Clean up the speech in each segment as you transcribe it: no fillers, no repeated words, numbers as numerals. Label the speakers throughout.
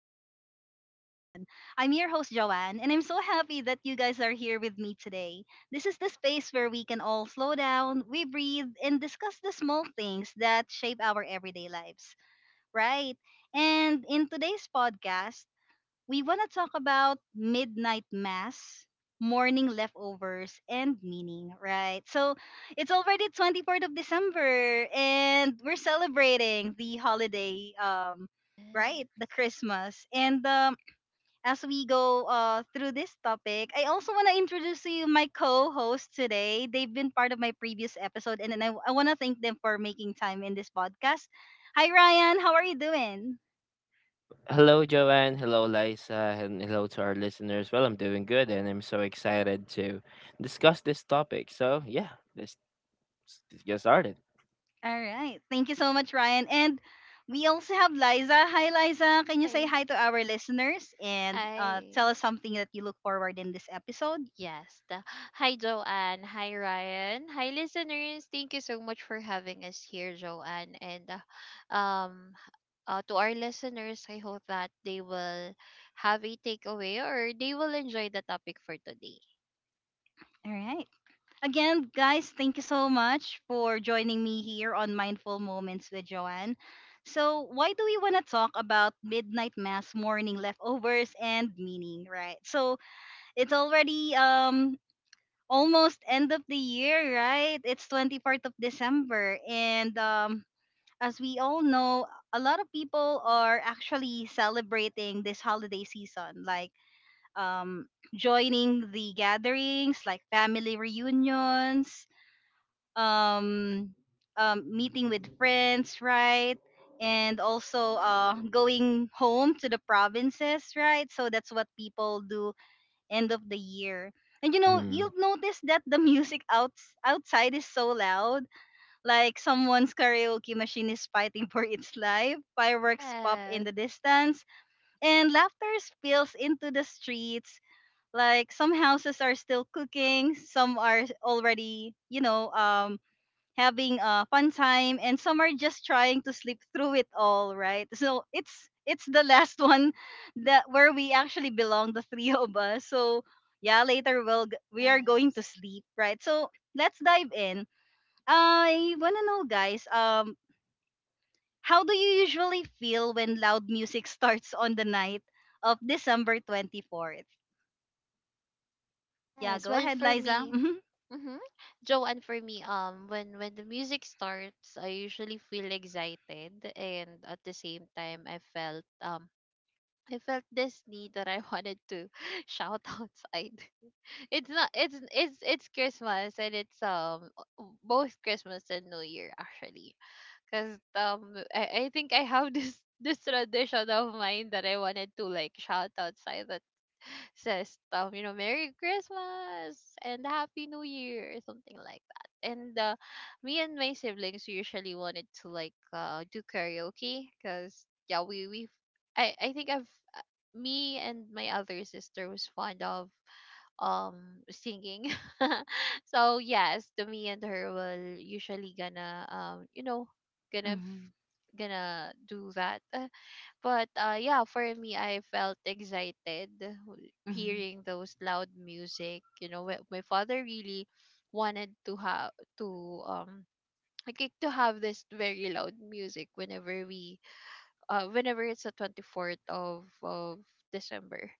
Speaker 1: Mindful Moments with Joanne. I'm your host Joanne and I'm so happy that you guys are here with me today. This is the space where we can all slow down, we breathe and discuss the small things that shape our everyday lives, right? And in today's podcast, we want to talk about midnight mass, morning leftovers, and meaning, right? So it's already 24th of December, and we're celebrating the holiday,
Speaker 2: Yeah.
Speaker 1: right? The Christmas. And as we go through this topic, I also want to introduce to you my co host today. They've been part of my previous episode, and then I want to thank them for making time in this podcast. Hi, Ryan. How are you doing?
Speaker 3: Hello, Joanne. Hello, Liza. And hello to our listeners. Well, I'm doing good and I'm so excited to discuss this topic. So, yeah, let's, let's get started.
Speaker 1: All right. Thank you so much, Ryan. And we also have Liza. Hi, Liza. Can you say
Speaker 2: Hi.
Speaker 1: hi to our listeners and
Speaker 2: Hi.
Speaker 1: tell us something that you look forward in this episode?
Speaker 2: Yes. the- Hi, Joanne. Hi, Ryan. Hi, listeners. Thank you so much for having us here, Joanne. And uh, um, to our listeners, I hope that they will have a takeaway or they will enjoy the topic for today.
Speaker 1: All right. Again, guys, thank you so much for joining me here on Mindful Moments with Joanne. So, why do we want to talk about midnight mass, morning leftovers, and meaning, right? So, it's already almost end of the year, right? It's 24th of December and as we all know, a lot of people are actually celebrating this holiday season, like um, joining the gatherings, like family reunions, um, meeting with friends, right? And also going home to the provinces, right? So that's what people do end of the year. And you know,
Speaker 3: Mm-hmm.
Speaker 1: you'll notice that the music outside is so loud, like someone's karaoke machine is fighting for its life, fireworks pop in
Speaker 2: Yes.
Speaker 1: the distance, and laughter spills into the streets. Like some houses are still cooking, some are already, you know, having a fun time, and some are just trying to sleep through it all, right? So it's the last one that where we actually belong, the three of us. So yeah, later we are going to
Speaker 2: Yes.
Speaker 1: sleep, right? So let's dive in. I wanna know, guys. How do you usually feel when loud music starts on the night of December 24th? Yeah,
Speaker 2: Yes.
Speaker 1: go
Speaker 2: Well,
Speaker 1: ahead,
Speaker 2: for
Speaker 1: Liza.
Speaker 2: me,
Speaker 1: Mm-hmm.
Speaker 2: mm-hmm, Joe, and for me, when the music starts, I usually feel excited, and at the same time, I felt this need that I wanted to shout outside. It's not. It's Christmas, and it's both Christmas and New Year actually, because I think I have this tradition of mine that I wanted to like shout outside at says stuff, you know, Merry Christmas and Happy New Year, something like that. And Me and my siblings usually wanted to like do karaoke because yeah, we I think I've uh, me and my other sister was fond of um singing. So yes, the me and her will usually gonna gonna f-
Speaker 1: Mm-hmm.
Speaker 2: gonna do that. But yeah, for me, I felt excited
Speaker 1: Mm-hmm.
Speaker 2: hearing those loud music. You know, my father really wanted to have to like to have this very loud music whenever we whenever it's the 24th of December.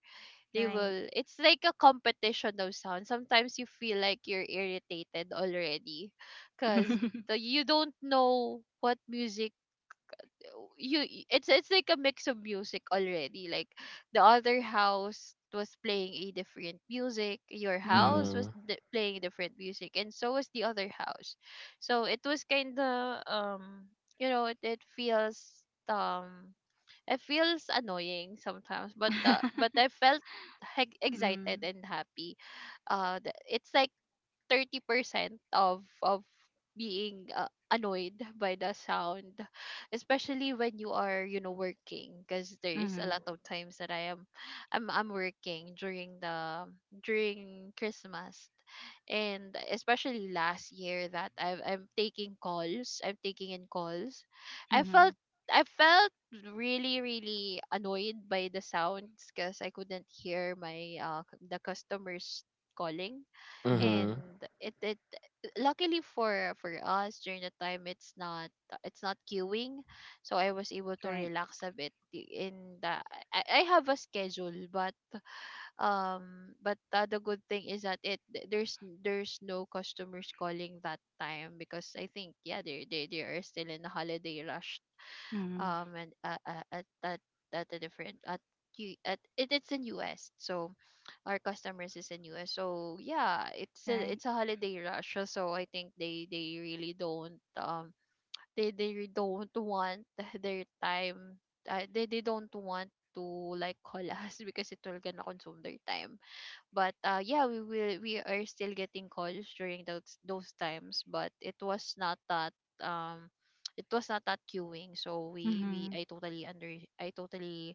Speaker 2: They
Speaker 1: Right.
Speaker 2: will. It's like a competition of sound. Sometimes you feel like you're irritated already, cause
Speaker 1: Mm-hmm.
Speaker 2: you don't know what music it's like a mix of music already, like the other house was playing a different music, your house
Speaker 3: Mm-hmm.
Speaker 2: was playing different music, and so was the other house. So it was kind of you know it, it feels um it feels annoying sometimes, but
Speaker 1: Mm-hmm.
Speaker 2: I felt excited and happy. It's like 30% of being annoyed by the sound, especially when you are, you know, working, because there is a
Speaker 1: Mm-hmm.
Speaker 2: lot of times that I am I'm working during the during Christmas. And especially last year that I'm taking calls, I'm taking in calls, I felt, I felt really, really annoyed.
Speaker 1: Mm-hmm.
Speaker 3: Mm-hmm.
Speaker 2: And it luckily for us during the time, it's not, it's not queuing, so I was able to
Speaker 1: Right.
Speaker 2: relax a bit in the, I have a schedule. But the good thing is that it there's no customers calling that time because I think, yeah, they are still in the holiday rush.
Speaker 1: Mm-hmm.
Speaker 2: And At a different at it, it's in us, so our customers is in US. So yeah, it's a,
Speaker 1: Right.
Speaker 2: it's a holiday rush. So I think they really don't don't want their time. They don't want to like call us because it will gonna consume their time. But yeah, we are still getting calls during those times, but it was not that um it was not that queuing. So we
Speaker 1: Mm-hmm.
Speaker 2: I totally under I totally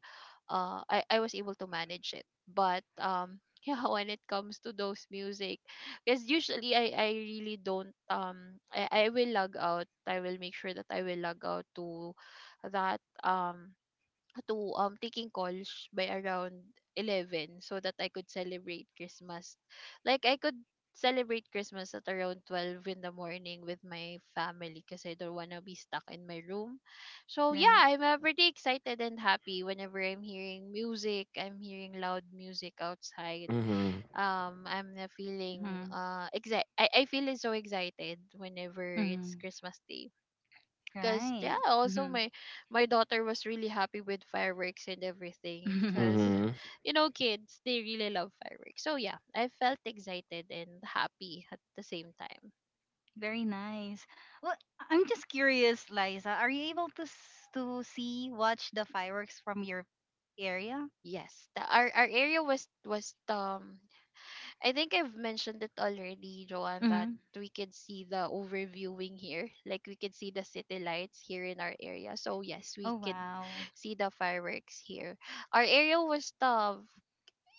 Speaker 2: I was able to manage it. But yeah, when it comes to those music, because usually I really don't I will log out, I will make sure that I will log out that um to taking calls by around 11 so that I could celebrate Christmas. Like I could celebrate Christmas at around 12 in the morning with my family because I don't want to be stuck in my room. So yeah,
Speaker 1: Right.
Speaker 2: I'm pretty excited and happy whenever I'm hearing music, I'm hearing loud music outside.
Speaker 3: Mm-hmm.
Speaker 2: I'm feeling
Speaker 1: Mm-hmm.
Speaker 2: exci- I feel so excited whenever it's
Speaker 1: Mm-hmm.
Speaker 2: Christmas day. Cause yeah,
Speaker 1: Right.
Speaker 2: also
Speaker 1: Mm-hmm.
Speaker 2: my daughter was really happy with fireworks and everything. Cause
Speaker 3: Mm-hmm.
Speaker 2: you know, kids, they really love fireworks. So yeah, I felt excited and happy at the same time.
Speaker 1: Very nice. Well, I'm just curious, Liza. Are you able to see watch the fireworks from your area?
Speaker 2: Yes, our area was I think I've mentioned it already, Joanne, that
Speaker 1: Mm-hmm.
Speaker 2: we could see the overviewing here. Like we could see the city lights here in our area. So yes, we
Speaker 1: Oh
Speaker 2: could
Speaker 1: wow,
Speaker 2: see the fireworks here. Our area was tough.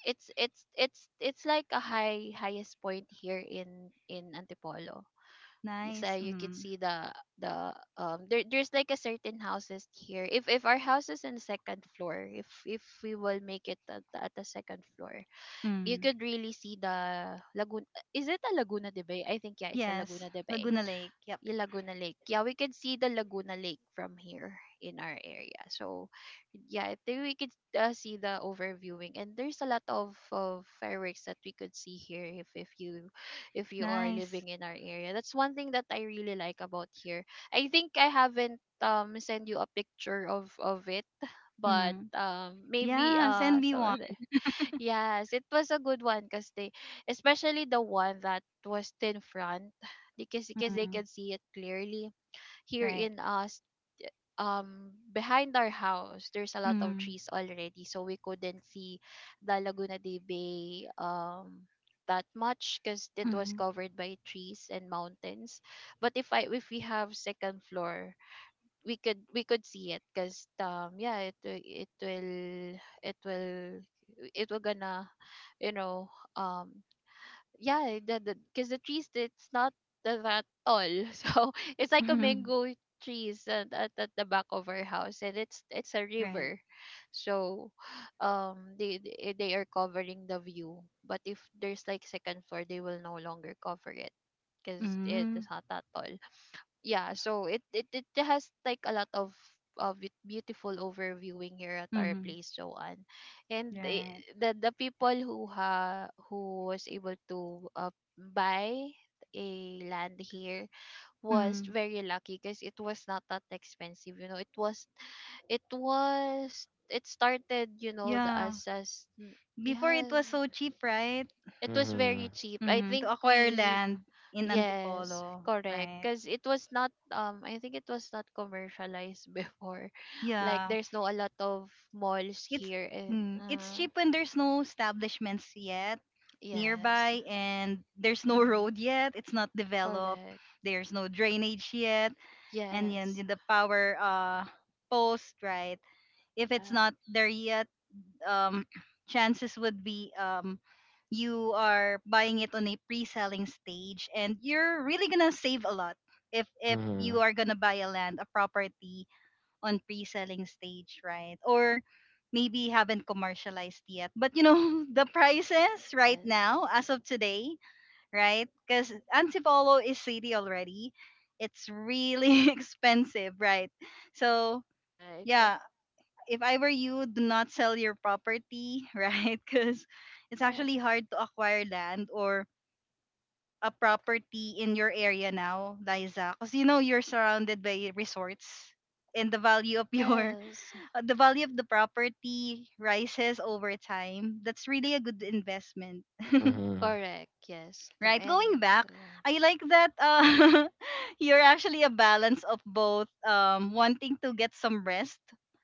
Speaker 2: It's like a highest point here in Antipolo. You
Speaker 1: nice.
Speaker 2: say you could
Speaker 1: Mm-hmm.
Speaker 2: see the there there's like a certain houses here. If our house is in the second floor, if we will make it at, at the second floor, you
Speaker 1: Mm.
Speaker 2: could really see the Laguna. Is it a Laguna de Bay? I think yeah, it's a
Speaker 1: Yes,
Speaker 2: Laguna de Bay.
Speaker 1: Laguna Lake. Yep,
Speaker 2: Yeah, Laguna Lake. Yeah, we can see the Laguna Lake from here in our area. So, yeah, I think we could see the overviewing, and there's a lot of fireworks that we could see here if you, if you are
Speaker 1: nice.
Speaker 2: living in our area. That's one thing that I really like about here. I think I haven't send you a picture of it, but
Speaker 1: Mm-hmm.
Speaker 2: maybe
Speaker 1: Yeah, send me
Speaker 2: some
Speaker 1: one.
Speaker 2: other. Yes, it was a good one because especially the one that was in front, because they
Speaker 1: Mm-hmm.
Speaker 2: can see it clearly. Here
Speaker 1: Right.
Speaker 2: in us, behind our house, there's a lot of
Speaker 1: Mm-hmm.
Speaker 2: trees already, so we couldn't see the Laguna de Bay that much because it was
Speaker 1: Mm-hmm.
Speaker 2: covered by trees and mountains. But if we have second floor, we could see it because yeah it will it will gonna, you know, um yeah the because the trees it's not that tall. So it's like a mango trees at the back of our house, and it's a
Speaker 1: Right.
Speaker 2: river. So they are covering the view, but if there's like second floor, they will no longer cover it because it
Speaker 1: Mm-hmm.
Speaker 2: is not that tall. Yeah, so it has like a lot of it beautiful overviewing here at our
Speaker 1: Mm-hmm.
Speaker 2: place, Joanne. And
Speaker 1: Right.
Speaker 2: the people who ha who was able to buy a land here was
Speaker 1: Mm.
Speaker 2: very lucky because it was not that expensive, you know, it was it was it started, you know,
Speaker 1: Yeah. Before
Speaker 2: yeah
Speaker 1: it was so cheap, right?
Speaker 2: it was
Speaker 3: Mm-hmm.
Speaker 2: very cheap. I think
Speaker 1: To acquire
Speaker 2: we.
Speaker 1: land in
Speaker 2: Yes,
Speaker 1: Antipolo,
Speaker 2: correct.
Speaker 1: right?
Speaker 2: Because it was not, I think it was not commercialized before. Like,
Speaker 1: Yeah.
Speaker 2: there's no a lot of malls
Speaker 1: It's
Speaker 2: here, and
Speaker 1: it's cheap when there's no establishments yet
Speaker 2: yes.
Speaker 1: nearby and there's no
Speaker 2: Mm-hmm.
Speaker 1: road yet, it's not developed,
Speaker 2: Correct.
Speaker 1: there's no drainage yet, and then
Speaker 2: Yes.
Speaker 1: the power post, right? If it's
Speaker 2: yeah,
Speaker 1: not there yet, um, chances would be you are buying it on a pre-selling stage and you're really gonna save a lot if
Speaker 3: Mm-hmm.
Speaker 1: you are gonna buy a land a property on pre-selling stage, right? Or maybe haven't commercialized yet, but you know the prices right
Speaker 2: yes,
Speaker 1: now as of today, right? Because Antipolo is city already, it's really expensive, right? So
Speaker 2: correct.
Speaker 1: yeah, if I were you, do not sell your property, right? Because it's
Speaker 2: Yeah.
Speaker 1: actually hard to acquire land or a property in your area now, Liza. Because you know you're surrounded by resorts, and the value of your
Speaker 2: Yes.
Speaker 1: the value of the property rises over time. That's really a
Speaker 2: um,
Speaker 1: good investment,
Speaker 3: Mm-hmm.
Speaker 2: correct. Yes, the
Speaker 1: right? Going
Speaker 2: end.
Speaker 1: back,
Speaker 2: Yeah.
Speaker 1: I like that you're actually a balance of both wanting to get some rest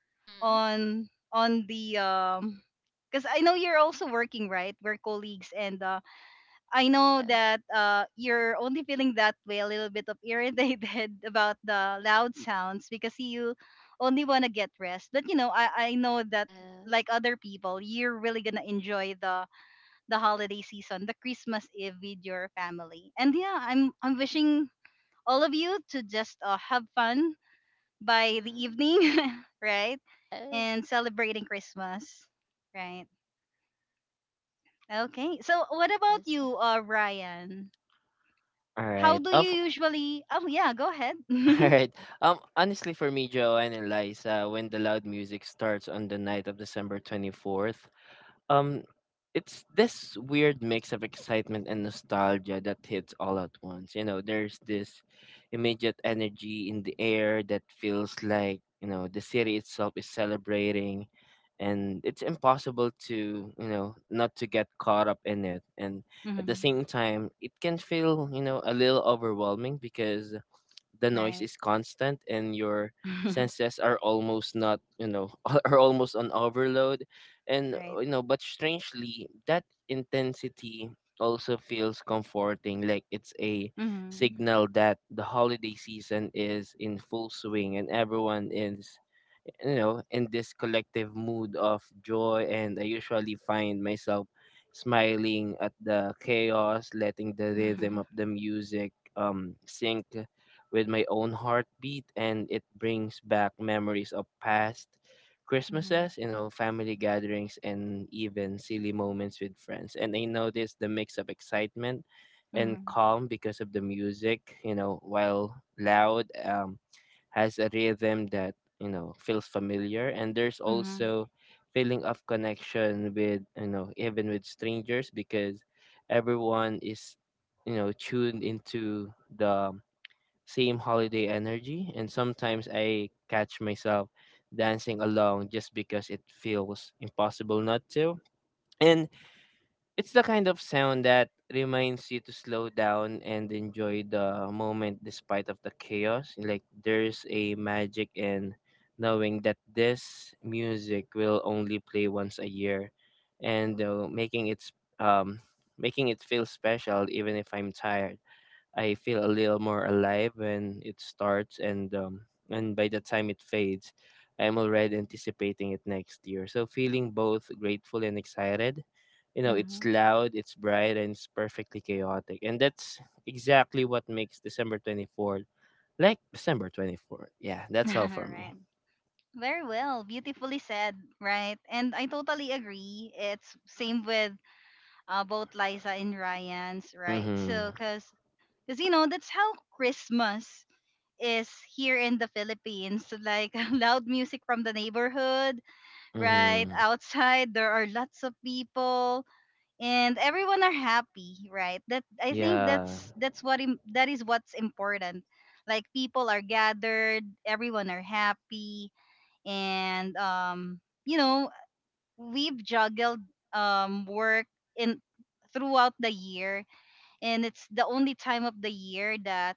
Speaker 2: Mm-hmm.
Speaker 1: on the because I know you're also working, right? We're colleagues, and I know
Speaker 2: Yes,
Speaker 1: that you're only feeling that way a little bit of irritated about the loud sounds because you only want to get rest. But you know, I know that
Speaker 2: yes.
Speaker 1: like other people, you're really gonna enjoy the holiday season, the Christmas Eve with your family. And yeah, I'm wishing all of you to just have fun by the
Speaker 2: Mm-hmm.
Speaker 1: evening, right?
Speaker 2: Yes,
Speaker 1: And celebrating Christmas, right? Okay. So what about
Speaker 2: yes.
Speaker 1: you, Ryan?
Speaker 3: All
Speaker 1: How
Speaker 3: right.
Speaker 1: do you
Speaker 3: Of
Speaker 1: usually? Oh yeah, go ahead.
Speaker 3: All right. Honestly, for me, Joanne and Liza, when the loud music starts on the night of December 24th, Um, it's this weird mix of excitement and nostalgia that hits all at once. You know, there's this immediate energy in the air that feels like the city itself is celebrating, and it's impossible to not to get caught up in it. And at the
Speaker 1: Mhm.
Speaker 3: same time, it can feel a little overwhelming because the noise
Speaker 1: Right.
Speaker 3: is constant and your senses are almost not are almost on overload. And
Speaker 1: Right.
Speaker 3: but strangely, that intensity also feels comforting, like it's a
Speaker 1: Mhm.
Speaker 3: signal that the holiday season is in full swing and everyone is in this collective mood of joy. And I usually find myself smiling at the chaos, letting the rhythm
Speaker 1: Mhm.
Speaker 3: of the music sync with my own heartbeat, and it brings back memories of past
Speaker 1: Mhm.
Speaker 3: Christmases, family gatherings, and even silly moments with friends. And I notice the mix of excitement and
Speaker 1: Mhm.
Speaker 3: calm because of the music, while loud, has a rhythm that feels familiar. And there's
Speaker 1: Mhm.
Speaker 3: also feeling of connection with even with strangers, because everyone is tuned into the same holiday energy, and sometimes I catch myself dancing along just because it feels impossible not to. And it's the kind of sound that reminds you to slow down and enjoy the moment despite of the chaos. Like, there's a magic in knowing that this music will only play once a year, and making it feel special even if I'm tired. I feel a little more alive when it starts, and by the time it fades, I'm already anticipating it next year, so feeling both grateful and excited. You know, it's
Speaker 1: Mhm.
Speaker 3: loud, it's bright, and it's perfectly chaotic, and that's exactly what makes December 24th like December 24th. Yeah, that's all for me.
Speaker 1: Right. Very well, beautifully said, right? And I totally agree. It's same with both Liza and Ryan's, right?
Speaker 3: Mhm.
Speaker 1: So, cause you know that's how Christmas is here in the Philippines. Like loud music from the neighborhood, right?
Speaker 3: Mhm.
Speaker 1: Outside, there are lots of people and everyone are happy, right? That I think
Speaker 3: Yeah.
Speaker 1: that is what's important. Like people are gathered, everyone are happy and you know, we've juggled work in throughout the year and it's the only time of the year that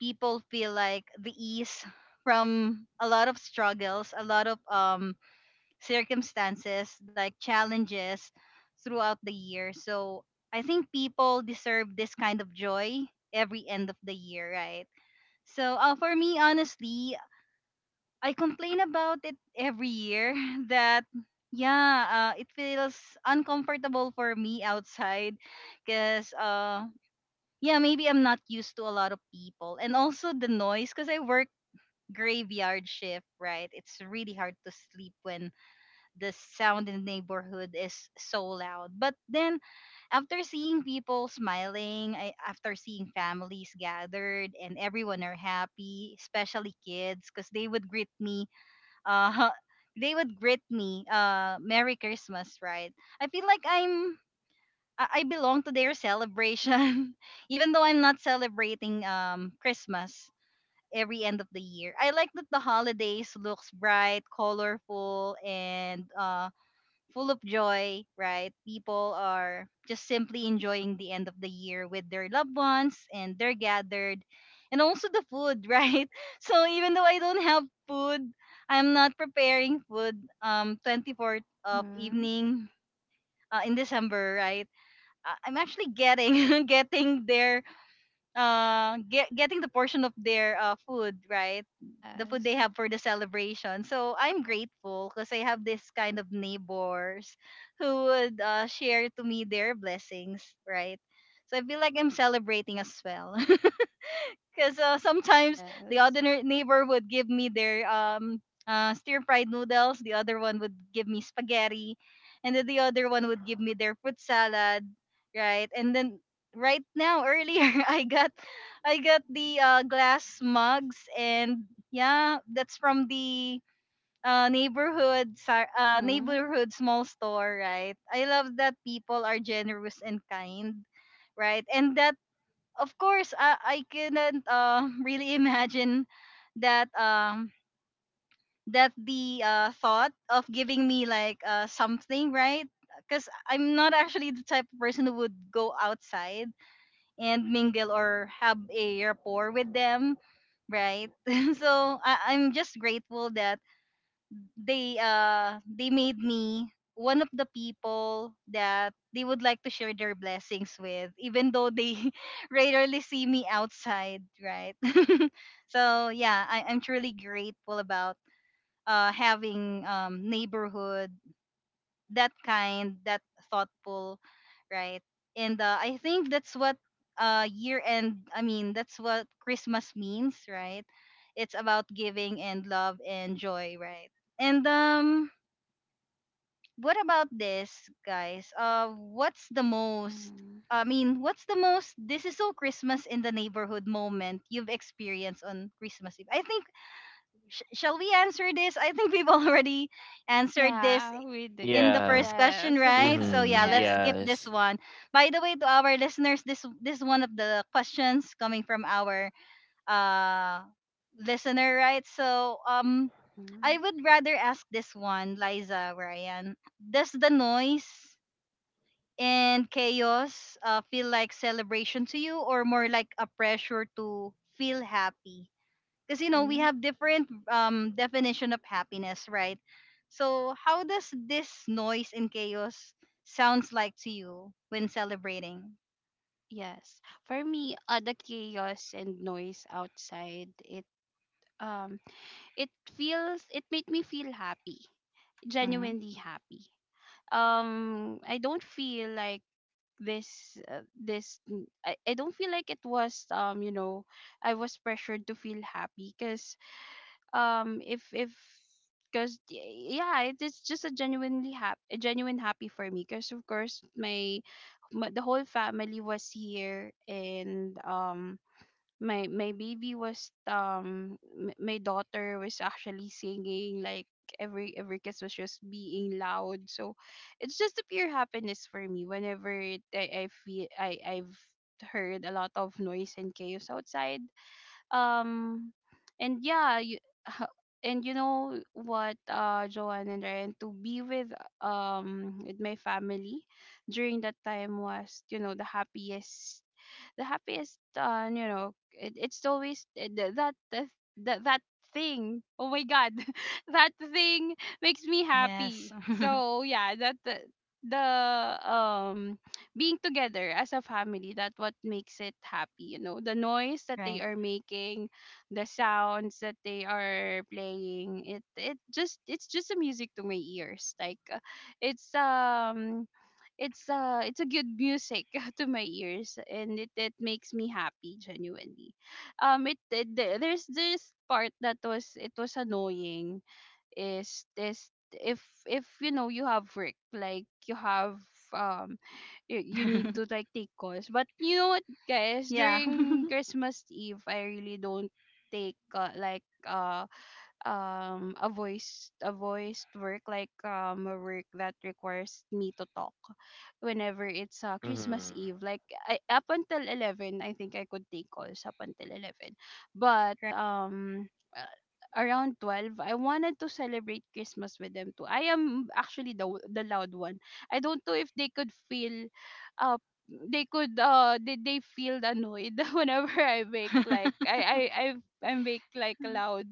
Speaker 1: people feel like the ease from a lot of struggles, a lot of circumstances, like challenges throughout the year. So I think people deserve this kind of joy every end of the year, right? So for me, honestly, I complain about it every year that yeah, it feels uncomfortable for me outside because yeah, maybe I'm not used to a lot of people and also the noise because I work graveyard shift, right? It's really hard to sleep when the sound in the neighborhood is so loud. But then after seeing people smiling, after seeing families gathered and everyone are happy, especially kids, because they would greet me, uh, they would greet me, Merry Christmas, right? I feel like I belong to their celebration, even though I'm not celebrating Christmas every end of the year. I like that the holidays looks bright, colorful, and full of joy, right? People are just simply enjoying the end of the year with their loved ones and they're gathered. And also the food, right? So even though I don't have food, I'm not preparing food 24th of
Speaker 2: Mm-hmm.
Speaker 1: evening in December, right? I'm actually getting getting their getting the portion of their food, right? The food they
Speaker 2: Yes,
Speaker 1: have for the celebration. So I'm grateful because I have this kind of neighbors who would share to me their blessings, right? So I feel like I'm celebrating as well. Because sometimes the
Speaker 2: yes.
Speaker 1: other neighbor would give me their stir fried noodles, the other one would give me spaghetti, and then the other one would give me their fruit salad, right? And then right now earlier I got the glass mugs, and yeah, that's from the neighborhood
Speaker 2: Mm-hmm.
Speaker 1: neighborhood small store, right? I love that people are generous and kind, right? And that of course, I couldn't really imagine that um that the thought of giving me like something, right? Because I'm not actually the type of person who would go outside and mingle or have a rapport with them, right? So I'm just grateful that they made me one of the people that they would like to share their blessings with, even though they rarely see me outside, right. So yeah, I'm truly grateful about having neighborhood, that kind, that thoughtful, right. And I think that's what year end, I mean that's what Christmas means, right. It's about giving and love and joy, right. And what about this, guys? What's the most?
Speaker 2: Hmm.
Speaker 1: I mean, what's the most? This is so Christmas in the neighborhood moment you've experienced on Christmas Eve. I think shall we answer this? I think we've already answered this
Speaker 2: Yeah, we did.
Speaker 1: in the
Speaker 3: Yeah.
Speaker 1: first
Speaker 2: Yes.
Speaker 1: question, right? So yeah,
Speaker 3: Mhm.
Speaker 1: let's
Speaker 2: Yes.
Speaker 1: skip this
Speaker 3: Yes.
Speaker 1: one. By the way, to our listeners, this one of the questions coming from our uh listener, right? So
Speaker 2: Hmm.
Speaker 1: I would rather ask this one, Liza, Ryan. Does the noise and chaos feel like celebration to you or more like a pressure to feel happy? Because you know, we
Speaker 2: Hmm.
Speaker 1: have different definition of happiness, right? So how does this noise and chaos sounds like to you when celebrating?
Speaker 2: Yes. For me, the chaos and noise outside, um it it made me feel happy.
Speaker 1: Hmm.
Speaker 2: Genuinely happy. I don't feel like I don't feel like it was, you know, I was pressured to feel happy because if because yeah, it is just a genuinely happy, a genuine happy for me because of course my the whole family was here. And my baby was my daughter was actually singing like every kiss was just being loud. So it's just a pure happiness for me whenever I feel I've heard a lot of noise and chaos outside. Um, and yeah, and you know what, Joanne and Ryan, to be with my family during that time was, you know, the happiest, you know, it's always that thing, oh my god, that thing makes me
Speaker 1: Yes.
Speaker 2: happy. So yeah, that the um being together as a family, that what makes it happy. You know, the noise that
Speaker 1: Right.
Speaker 2: they are making, the sounds that they are playing, it's just a music to my ears. Like it's um it's a good music to my ears, and it makes me happy genuinely. It there's this part that was it was annoying is this if you know you have work, like you have, um you you need to like take calls. But you know what, guys,
Speaker 1: Yeah.
Speaker 2: during Christmas Eve, I really don't take a voice a voiced work, like a work that requires me to talk whenever it's Christmas
Speaker 3: Mhm.
Speaker 2: Eve. Like up until 11, I think I could take calls up until 11. But uh, around 12, I wanted to celebrate Christmas with them too. I am actually the loud one. I don't know if they could feel uh they feel annoyed whenever
Speaker 1: Right.
Speaker 2: I make like
Speaker 1: Mm.
Speaker 2: loud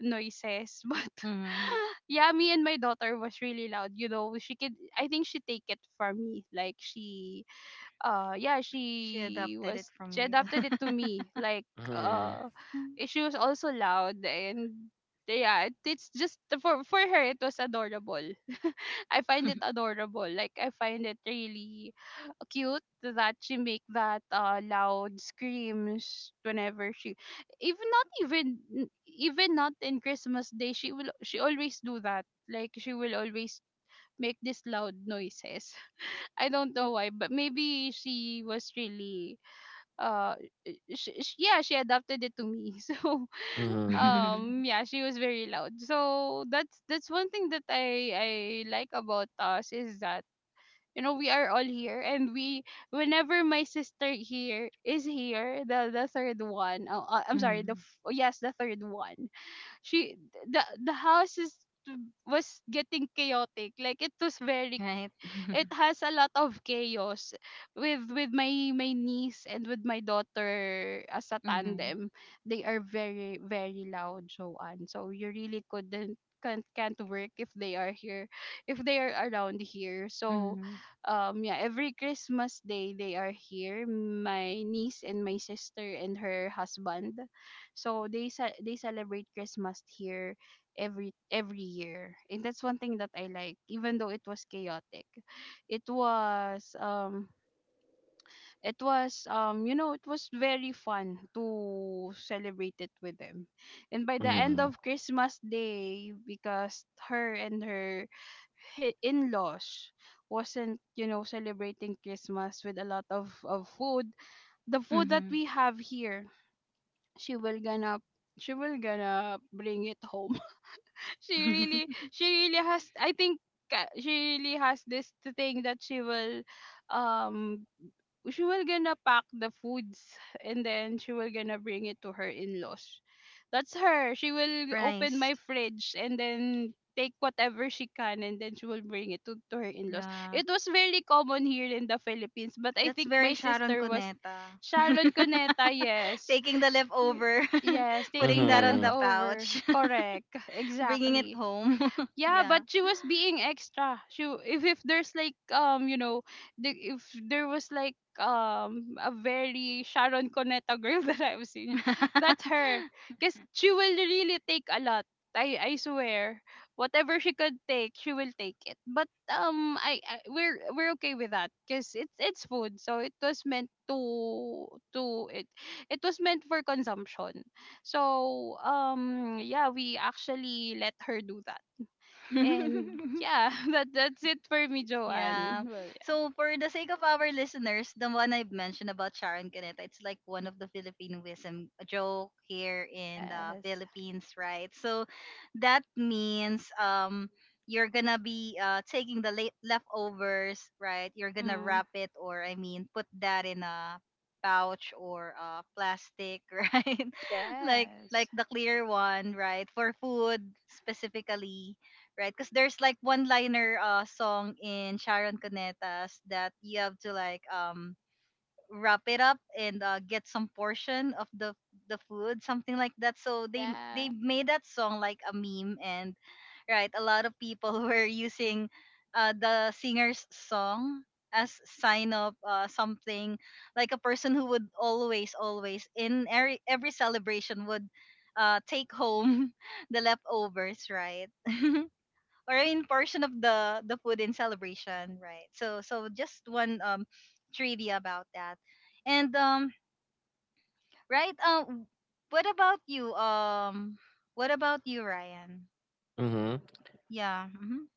Speaker 2: noises. But
Speaker 1: Mm-hmm.
Speaker 2: yeah, me and my daughter was really loud. You know, she could. I think she take it from me. Like she, yeah,
Speaker 1: She
Speaker 2: she
Speaker 1: adopted it
Speaker 2: was
Speaker 1: from
Speaker 2: she
Speaker 1: you.
Speaker 2: adapted it to me,
Speaker 3: Mhm.
Speaker 2: uh she was also loud. And yeah it's just for her it was adorable. I find it adorable, like I find it really cute that she make that loud screams whenever she, even not even even not in Christmas day. She will, she always do that. Like she will always make these loud noises. I don't know why, but maybe she was really uh she, yeah, she adapted it to me. So
Speaker 3: Mhm.
Speaker 2: yeah, she was very loud. So that's one thing that I like about us, is that you know we are all here, and we whenever my sister here is here, the third one. Oh, I'm sorry,
Speaker 1: Mm-hmm.
Speaker 2: yes, the third one. She The house is was getting chaotic. Like it was very,
Speaker 1: Right?
Speaker 2: it has a lot of chaos with my niece and with my daughter as a
Speaker 1: Mm-hmm.
Speaker 2: tandem. They are very, very loud, Joanne. So you really couldn't, can't work if they are here, if they are around here. So
Speaker 1: Mm-hmm.
Speaker 2: yeah, every Christmas day they are here, my niece and my sister and her husband. So they celebrate Christmas here every year, and that's one thing that I like. Even though it was chaotic, it was you know, it was very fun to celebrate it with them. And by the end
Speaker 3: Mhm.
Speaker 2: of Christmas day, because her and her in-laws wasn't, you know, celebrating Christmas with a lot of food, the food that
Speaker 1: Mm-hmm.
Speaker 2: we have here, she will gonna she will gonna bring it home. She really, she really has, I think, she really has this thing that she will, um she will gonna pack the foods, and then she will gonna bring it to her in-laws. That's her. She will open
Speaker 1: Rice.
Speaker 2: my fridge and then take whatever she can, and then she will bring it to her in-laws.
Speaker 1: Yeah.
Speaker 2: It was very common here in the Philippines, but I
Speaker 1: That's
Speaker 2: think my
Speaker 1: very Sharon
Speaker 2: sister was
Speaker 1: Cuneta.
Speaker 2: Sharon Coneta, yes.
Speaker 1: Taking the
Speaker 2: Y-
Speaker 1: leftover,
Speaker 2: yes,
Speaker 1: putting
Speaker 2: taking the
Speaker 1: that on the
Speaker 3: Mhm.
Speaker 2: leftover,
Speaker 1: pouch,
Speaker 2: correct.
Speaker 1: bringing it
Speaker 2: Exactly.
Speaker 1: home.
Speaker 2: Yeah, but
Speaker 1: Yeah.
Speaker 2: she was being extra. She, if there's like, you know, if there was like, a very Sharon Cuneta girl that I've seen, that's her. Cause she will really take a lot. I swear, whatever she could take, she will take it. But I, we're okay with that. Cause it's food, so it was meant to it it was meant for consumption. So yeah, we actually let her do that. And yeah, that's it for me, Joanne.
Speaker 1: Yeah.
Speaker 2: Well,
Speaker 1: So for the sake of our listeners, the one I've mentioned about Sharon Caneta, it's like one of the Filipino wisdom a joke here in the
Speaker 2: yes.
Speaker 1: Philippines, right? So that means you're gonna be taking the late leftovers, right? You're gonna
Speaker 2: Mm,
Speaker 1: wrap it or put that in a pouch or plastic, right? like
Speaker 2: yes.
Speaker 1: like the clear one, right? For
Speaker 2: Correct.
Speaker 1: food specifically, right? Because there's like one liner song in Sharon Cuneta's that you have to like wrap it up and get some portion of the food, something like that. So they
Speaker 2: Yeah.
Speaker 1: made that song like a meme and right, a lot of people were using the singer's song as sign of something like a person who would always in every celebration would take home the leftovers, right? Or in portion of the food in celebration, right? So just one trivia about that. And right um what about you um what about you, Ryan?
Speaker 3: Mhm.
Speaker 1: Yeah. Mhm.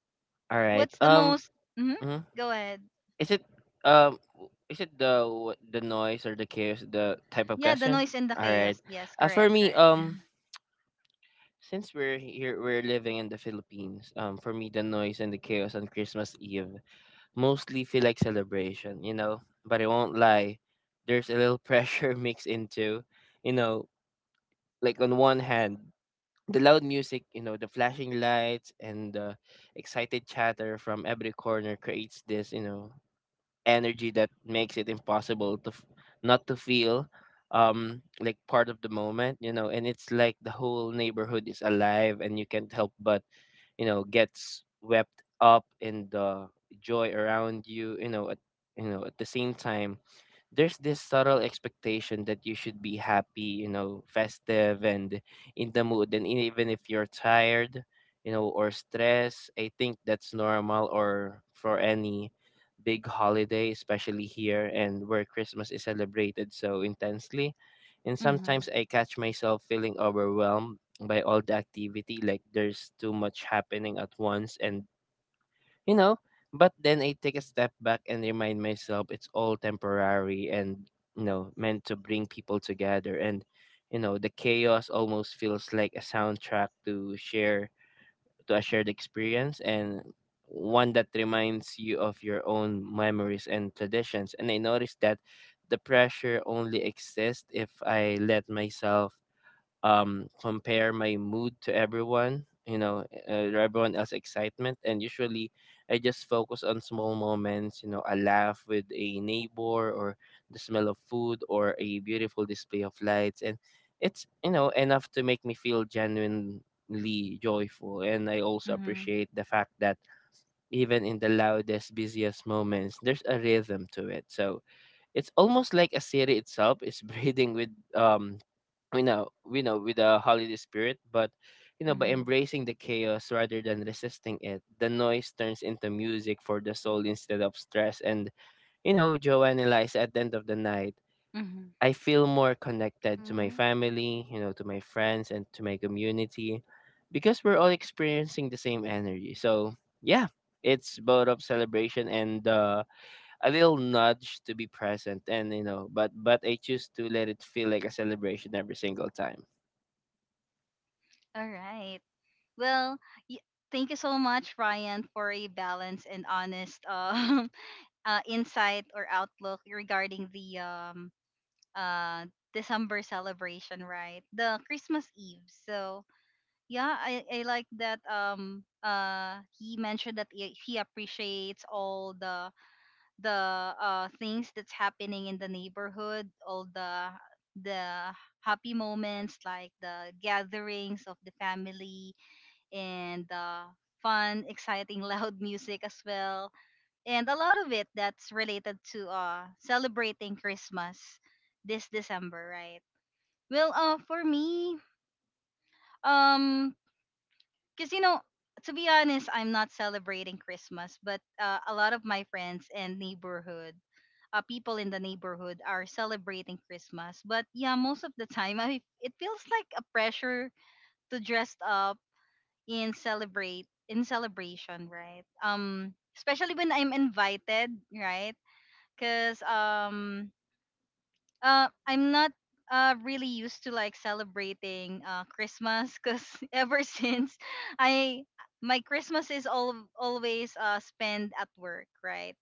Speaker 3: Alright.
Speaker 1: What's the most mhm,
Speaker 3: Mhm.
Speaker 1: go ahead.
Speaker 3: Is it Is it the noise or the chaos, the type of
Speaker 1: Yeah, the
Speaker 3: question?
Speaker 1: noise and the
Speaker 3: Alright.
Speaker 1: chaos. Yes,
Speaker 3: For
Speaker 1: correct,
Speaker 3: me,
Speaker 1: correct.
Speaker 3: since we're here, we're living in the Philippines. For me, the noise and the chaos on Christmas Eve mostly feel like celebration. You know, but I won't lie. There's a little pressure mixed into, you know, like, on one hand, the loud music, the flashing lights and the excited chatter from every corner creates this energy that makes it impossible to not to feel like part of the moment. You know, and it's like the whole neighborhood is alive and you can't help but get swept up in the joy around At the same time, there's this subtle expectation that you should be happy, festive and in the mood. And even if you're tired, or stressed, I think that's normal or for any big holiday, especially here and where Christmas is celebrated so intensely. And
Speaker 1: Mhm.
Speaker 3: sometimes I catch myself feeling overwhelmed by all the activity, like there's too much happening at once. And you know but then I take a step back and remind myself it's all temporary and meant to bring people together, and the chaos almost feels like a soundtrack to a shared experience, and one that reminds you of your own memories and traditions. And I noticed that the pressure only exists if I let myself compare my mood to everyone you know everyone else's excitement. And usually I just focus on small moments, a laugh with a neighbor or the smell of food or a beautiful display of lights, and it's enough to make me feel genuinely joyful. And I also
Speaker 1: Mhm.
Speaker 3: appreciate the fact that even in the loudest, busiest moments, there's a rhythm to it. So it's almost like a city itself is breathing with we know with the holiday spirit. But by
Speaker 1: Mhm.
Speaker 3: embracing the chaos rather than resisting it, the noise turns into music for the soul instead of stress. And Joanne and Liza, at the end of the night,
Speaker 1: Mhm.
Speaker 3: I feel more connected to my
Speaker 2: Mm-hmm.
Speaker 3: family, to my friends and to my community, because we're all experiencing the same energy. So yeah, it's both of celebration and a little nudge to be present, and but I choose to let it feel like a celebration every single time.
Speaker 1: All right. Well, y- thank you so much, Ryan, for a balanced and honest insight or outlook regarding the uh December celebration, right? The Christmas Eve. So yeah, I like that he mentioned that he appreciates all the things that's happening in the neighborhood, all the happy moments like the gatherings of the family and the fun, exciting, loud music as well, and a lot of it that's related to celebrating Christmas this December, right? Well, for me, um, cause you know, to be honest, I'm not celebrating Christmas, but a lot of my friends and neighborhood, people in the neighborhood are celebrating Christmas. But yeah, most of the time, I it feels like a pressure to dress up in celebration, right? Especially when I'm invited, right? Cause I'm not really used to like celebrating Christmas because ever since I my Christmas is all always spent at work, right?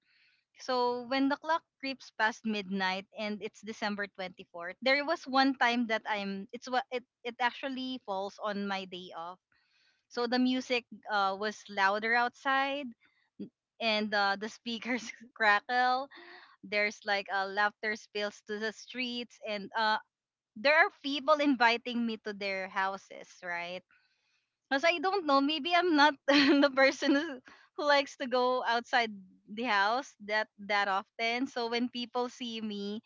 Speaker 1: So when the clock creeps past midnight and it's December 24th, there was one time that I'm it's what it actually falls on my day off. So the music was louder outside and the speakers crackle, there's like laughter spills to the streets and there are people inviting me to their houses, right? Because I don't know, maybe I'm not the person who likes to go outside the house that often. So when people see me,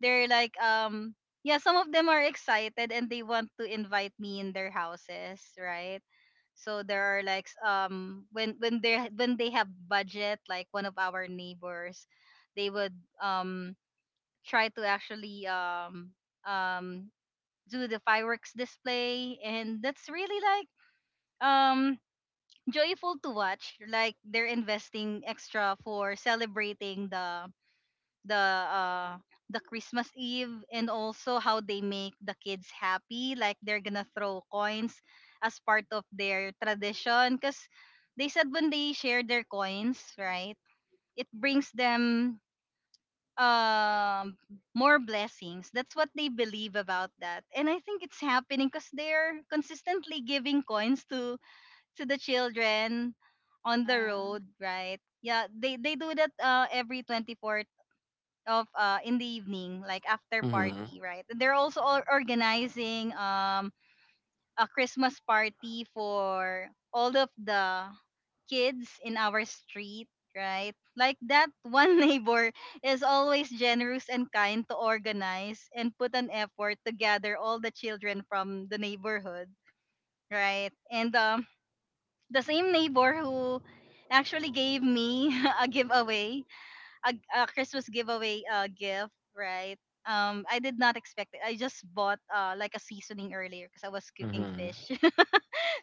Speaker 1: they're like, yeah, some of them are excited and they want to invite me in their houses, right? So there are like when when they have budget, like one of our neighbors, they would try to actually um do the fireworks display, and that's really like um joyful to watch, like they're investing extra for celebrating the the christmas Eve, and also how they make the kids happy, like they're gonna throw coins as part of their tradition, because they said when they share their coins, right, it brings them um more blessings. That's what they believe about that, and I think it's happening because they're consistently giving coins to the children on the
Speaker 2: Yeah.
Speaker 1: road, right? Yeah, they do that every 24th of in the evening, like after
Speaker 3: Mhm,
Speaker 1: party, right? And they're also organizing a Christmas party for all of the kids in our street, right? Like that one neighbor is always generous and kind to organize and put an effort to gather all the children from the neighborhood, right? And the same neighbor who actually gave me a giveaway, a Christmas giveaway gift, right? I did not expect it. I just bought like a seasoning earlier because I was cooking
Speaker 3: mhm,
Speaker 1: fish,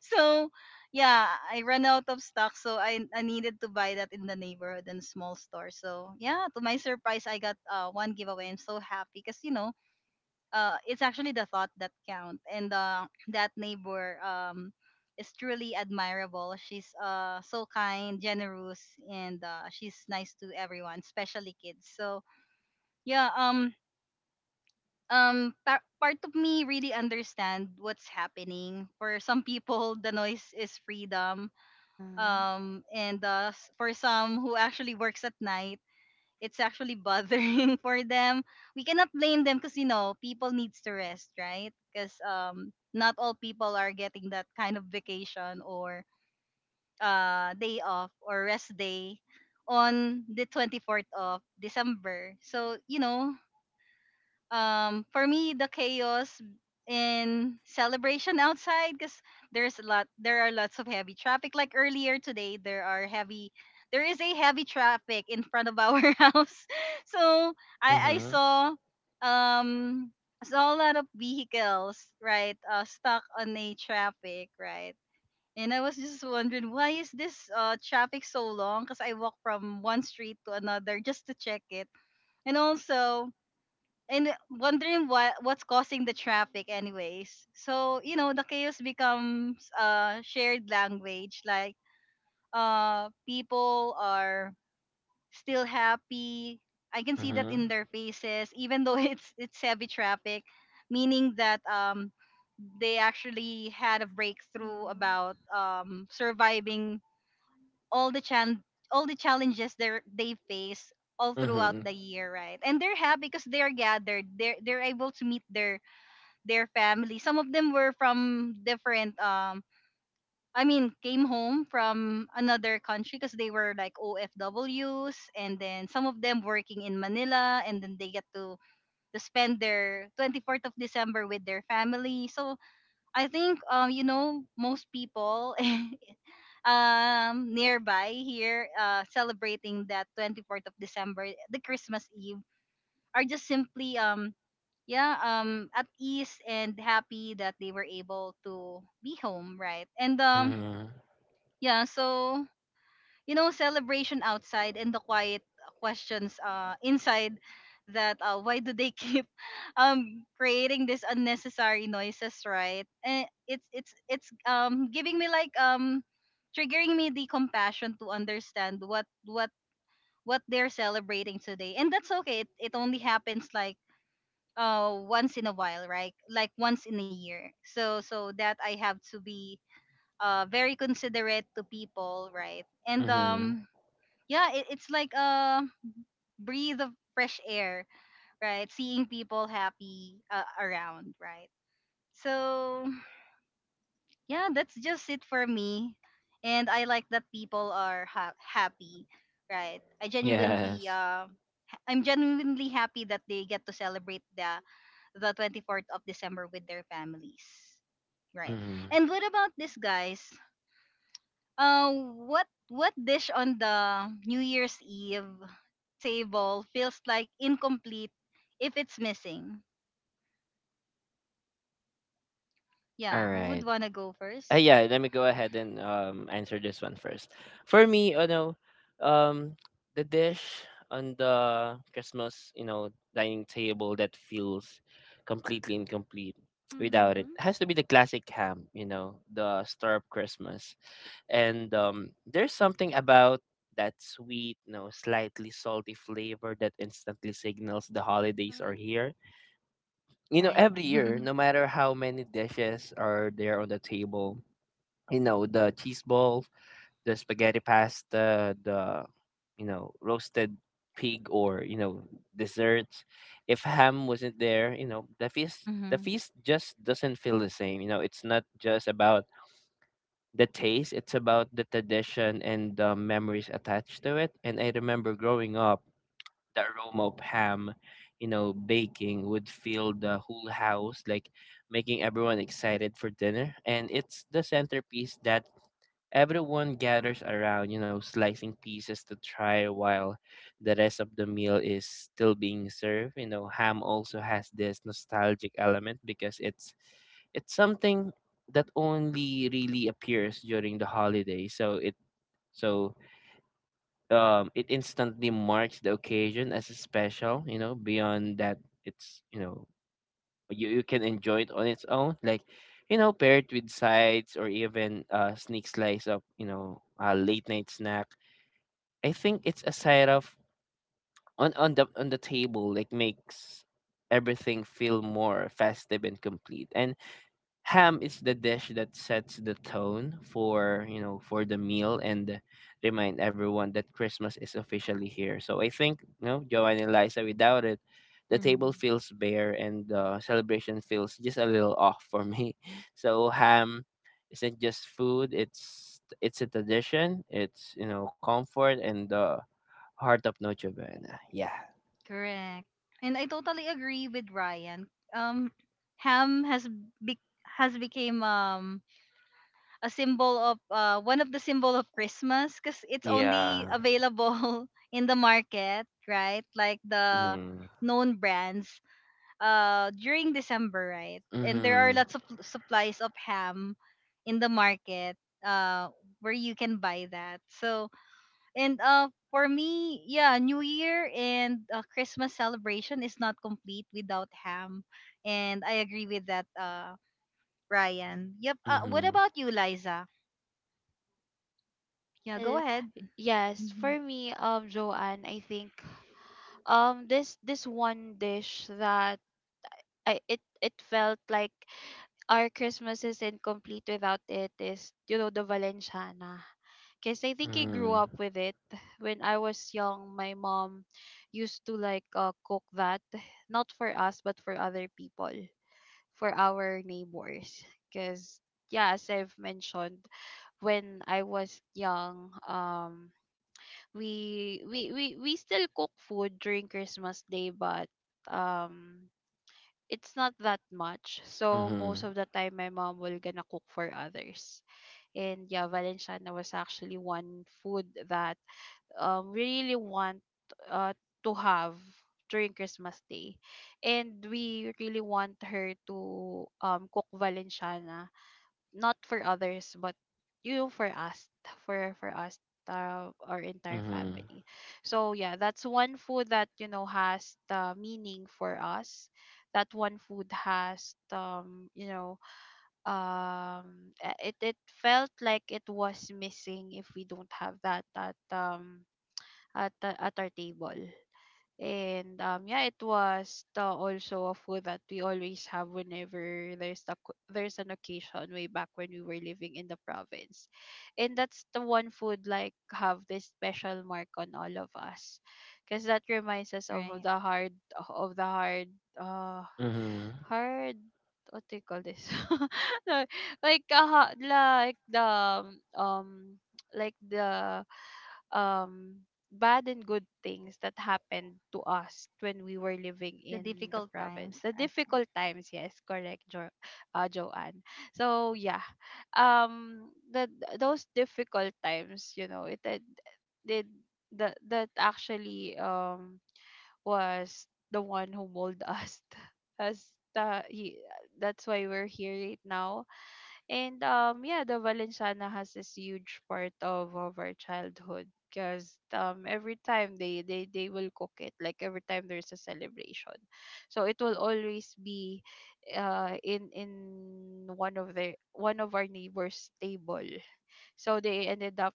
Speaker 1: so yeah, I ran out of stock, so I needed to buy that in the neighborhood and small store. So yeah, to my surprise, I got one giveaway. I'm so happy because you know, it's actually the thought that count, and that neighbor is truly admirable. She's so kind, generous, and she's nice to everyone, especially kids. So yeah, part of me really understand what's happening. For some people, the noise is freedom,
Speaker 2: Mm-hmm.
Speaker 1: and for some who actually works at night, it's actually bothering for them. We cannot blame them because you know people needs to rest, right? Because not all people are getting that kind of vacation or day off or rest day on the 24th of December. So you know, for me, the chaos in celebration outside, because there are lots of heavy traffic, like earlier today there are heavy there is a heavy traffic in front of our house. So I
Speaker 3: mhm,
Speaker 1: saw um saw a lot of vehicles, right, stuck on a traffic, right? And I was just wondering why is this traffic so long, because I walk from one street to another just to check it, and also, and wondering what's causing the traffic anyways. So you know, the chaos becomes a shared language, like people are still happy. I can see that
Speaker 3: mhm,
Speaker 1: in their faces, even though it's heavy traffic, meaning that they actually had a breakthrough
Speaker 2: Mhm.
Speaker 1: about surviving all the chan all the challenges they face all throughout
Speaker 3: mhm,
Speaker 1: the year, right? And they're happy because they're gathered. They're able to meet their family. Some of them were from different came home from another country because they were like OFWs, and then some of them working in Manila, and then they get to spend their 24th of December with their family. So I think you know, most people nearby here celebrating that 24th of December, the Christmas Eve, are just simply yeah, at ease and happy that they were able to be home, right? And
Speaker 3: mhm,
Speaker 1: yeah. So you know, celebration outside and the quiet questions inside, that why do they keep creating this unnecessary noises, right? And it's giving me like triggering me the compassion to understand what they're celebrating today, and that's okay. It only happens like once in a while, right? Like once in a year, so so that I have to be very considerate to people, right? And
Speaker 3: mhm.
Speaker 1: yeah, it's like a breathe of fresh air, right? Seeing people happy around, right? So yeah, that's just it for me, and I like that people are happy, right? I genuinely
Speaker 3: Yes.
Speaker 1: I'm genuinely happy that they get to celebrate the 24th of December with their families, right?
Speaker 3: Mhm.
Speaker 1: And what about this guys. Uh, what dish on the New Year's Eve table feels like incomplete if it's missing?
Speaker 3: All
Speaker 1: Yeah, who would
Speaker 3: right.
Speaker 1: wanna go first,
Speaker 3: Yeah, let me go ahead and answer this one first. For me, um the dish on the Christmas dining table that feels completely incomplete without it
Speaker 2: Mhm.
Speaker 3: has to be the classic ham, the stir up Christmas. And there's something about that sweet, slightly salty flavor that instantly signals the holidays are
Speaker 2: Mhm.
Speaker 3: here.
Speaker 1: right?
Speaker 3: Every year, no matter how many dishes are there on the table, the cheese balls, the spaghetti pasta, the roasted pig, or desserts. If ham wasn't there, the feast the
Speaker 1: Mm-hmm.
Speaker 3: feast just doesn't feel the same. It's not just about the taste, it's about the tradition and the memories attached to it. And I remember growing up, the aroma of ham baking would fill the whole house, like making everyone excited for dinner. And it's the centerpiece that everyone gathers around, slicing pieces to try while the rest of the meal is still being served. You know, ham also has this nostalgic element because it's something that only really appears during the holiday. So it instantly marks the occasion as a special. Beyond that, it's you know you you can enjoy it on its own, like pair it with sides or even a sneak slice of a late night snack. I think it's a side of on the table, like, makes everything feel more festive and complete. And ham is the dish that sets the tone for the meal and remind everyone that Christmas is officially here. So I think, Joanne and Liza, without it, the table
Speaker 1: Hmm.
Speaker 3: feels bare and the celebration feels just a little off for me. So ham isn't just food, it's a tradition, it's comfort and the heart of Noche Buena. Yeah.
Speaker 1: Correct. And I totally agree with Ryan. Um, ham has be- has became a symbol of one of the symbol of Christmas, because it's only
Speaker 3: Yeah.
Speaker 1: available in the market, right? Like the
Speaker 3: Mm-hmm.
Speaker 1: known brands during December, right? And there are
Speaker 3: Mm-hmm.
Speaker 1: lots of supplies of ham in the market uh where you can buy that. So, and for me, yeah, New Year and Christmas celebration is not complete without ham. And I agree with that Ryan. Yep. What
Speaker 3: Mm-hmm.
Speaker 1: about you, Liza? Yeah, go
Speaker 2: Well,
Speaker 1: ahead.
Speaker 2: yes,
Speaker 1: Mhm.
Speaker 2: for me, Joanne, I think this one dish that I it it felt like our Christmas isn't complete without, it is, you know, the Valenciana. Because I think I grew up with it. When I was young, my mom used to like, cook that, not for us, but for other people, for our neighbors. Because, yeah, as I've mentioned, when I was young, we still cook food during Christmas day, but um it's not that much. So
Speaker 3: Mm-hmm.
Speaker 2: most of the time my mom will gonna cook for others. And yeah, Valenciana was actually one food that we really want uh to have during Christmas day. And we really want her to cook Valenciana, not for others but you for us, for us, our entire
Speaker 3: Mm-hmm.
Speaker 2: family. So yeah, that's one food that, you know, has the meaning for us. That one food has, you know, it it felt like it was missing if we don't have that at, at our table. And yeah, it was, also a food that we always have whenever there's the, there's an occasion, way back when we were living in the province, and that's the one food like have this special mark on all of us, because that reminds us of
Speaker 1: Right.
Speaker 2: the hard, of the hard, uh,
Speaker 3: Mhm.
Speaker 2: hard, what do you call this? No, like, um, like the um bad and good things that happened to us when we were living
Speaker 1: The
Speaker 2: in the
Speaker 1: difficult
Speaker 2: province,
Speaker 1: times.
Speaker 2: the
Speaker 1: Okay.
Speaker 2: difficult times, yes, correct, Joanne. So yeah, the, those difficult times, you know, did- that that actually, was the one who molded us. as the he That's why we're here right now. And yeah, the Valenciana has this huge part of, our childhood, because every time they will cook it, like every time there's a celebration, so it will always be in one of the one of our neighbors' table. So they ended up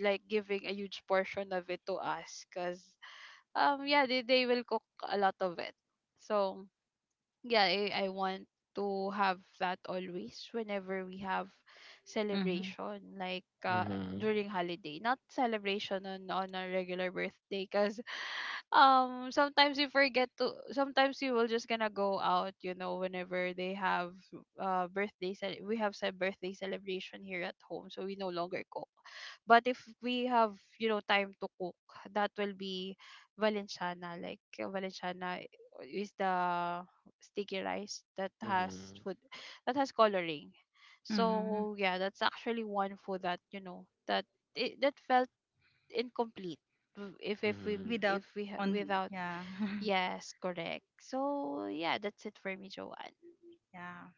Speaker 2: like giving a huge portion of it to us, because yeah, they will cook a lot of it. So yeah, I want to have that always whenever we have
Speaker 1: Mhm.
Speaker 2: celebration, like,
Speaker 3: Mhm.
Speaker 2: during holiday, not celebration on, a regular birthday, because sometimes you forget to, sometimes you will just gonna go out, you know, whenever they have we have said birthday celebration here at home, so we no longer cook. But if we have, you know, time to cook, that will be Valenciana. Like, Valenciana is the sticky rice that has
Speaker 3: Mhm.
Speaker 2: food, that has coloring.
Speaker 1: Mhm.
Speaker 2: So yeah, that's actually one food that, you know, that it, that felt incomplete if
Speaker 3: Mhm.
Speaker 1: Without
Speaker 2: if we
Speaker 1: on,
Speaker 2: without.
Speaker 1: yeah.
Speaker 2: Yes, correct. So yeah, that's it for me, Joanne.
Speaker 1: Yeah.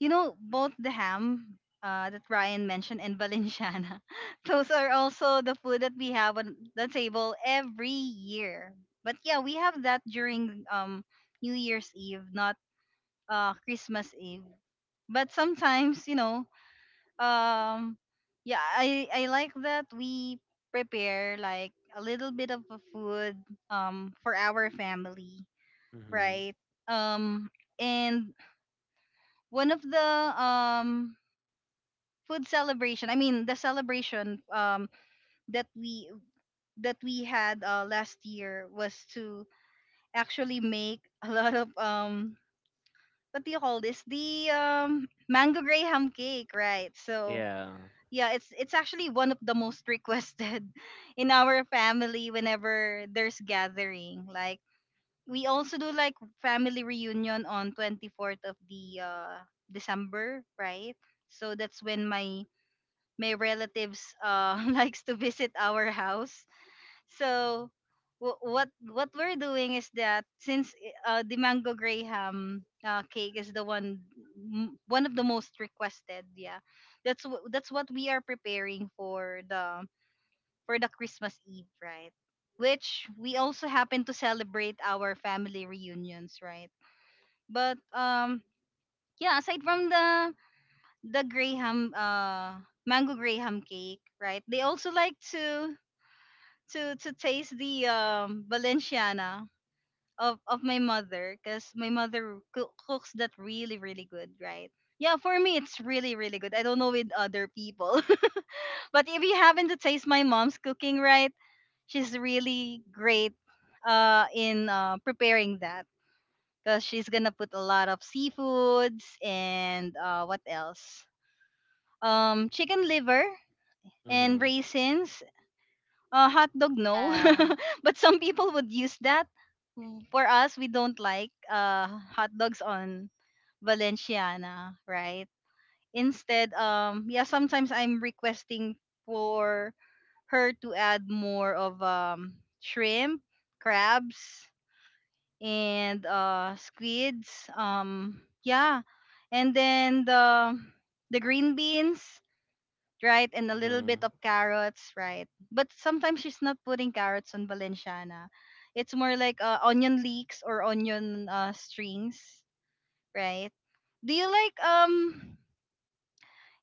Speaker 1: You know, both the ham that Ryan mentioned and Valenciana, those are also the food that we have on the table every year. But yeah, we have that during New Year's Eve, not Christmas Eve. But sometimes, you know, um yeah, I like that we prepare like a little bit of a food for our family,
Speaker 3: Mhm.
Speaker 1: right? Um and one of the um food celebration I mean the celebration that we that we had last year was to actually make a lot of what do you call this, the mango graham cake, right? So
Speaker 3: Yeah.
Speaker 1: yeah, it's actually one of the most requested in our family whenever there's gathering. Like we also do like family reunion on 24th of the December, right? So that's when my relatives likes to visit our house. So what we're doing is that since the mango graham cake is the one one of the most requested, yeah, that's that's what we are preparing for the Christmas Eve, right? Which we also happen to celebrate our family reunions, right? But Yeah, aside from the graham mango graham cake, right? They also like to to taste the valenciana of my mother, because my mother cooks that really, really good, right? Yeah, for me it's really, really good. I don't know with other people. But if you happen to taste my mom's cooking, right, she's really great in preparing that, because she's gonna put a lot of seafoods and what else, chicken liver and
Speaker 3: Mhm.
Speaker 1: raisins. Hot dog, no.
Speaker 2: Yeah.
Speaker 1: But some people would use that. Mm, for us, we don't like hot dogs on Valenciana, right? Instead, yeah, sometimes I'm requesting for her to add more of shrimp, crabs, and squids. Yeah, and then the green beans, right? And a little bit
Speaker 3: Mhm.
Speaker 1: of carrots, right? But sometimes she's not putting carrots on Valenciana. It's more like onion leeks or onion strings, right? Do you like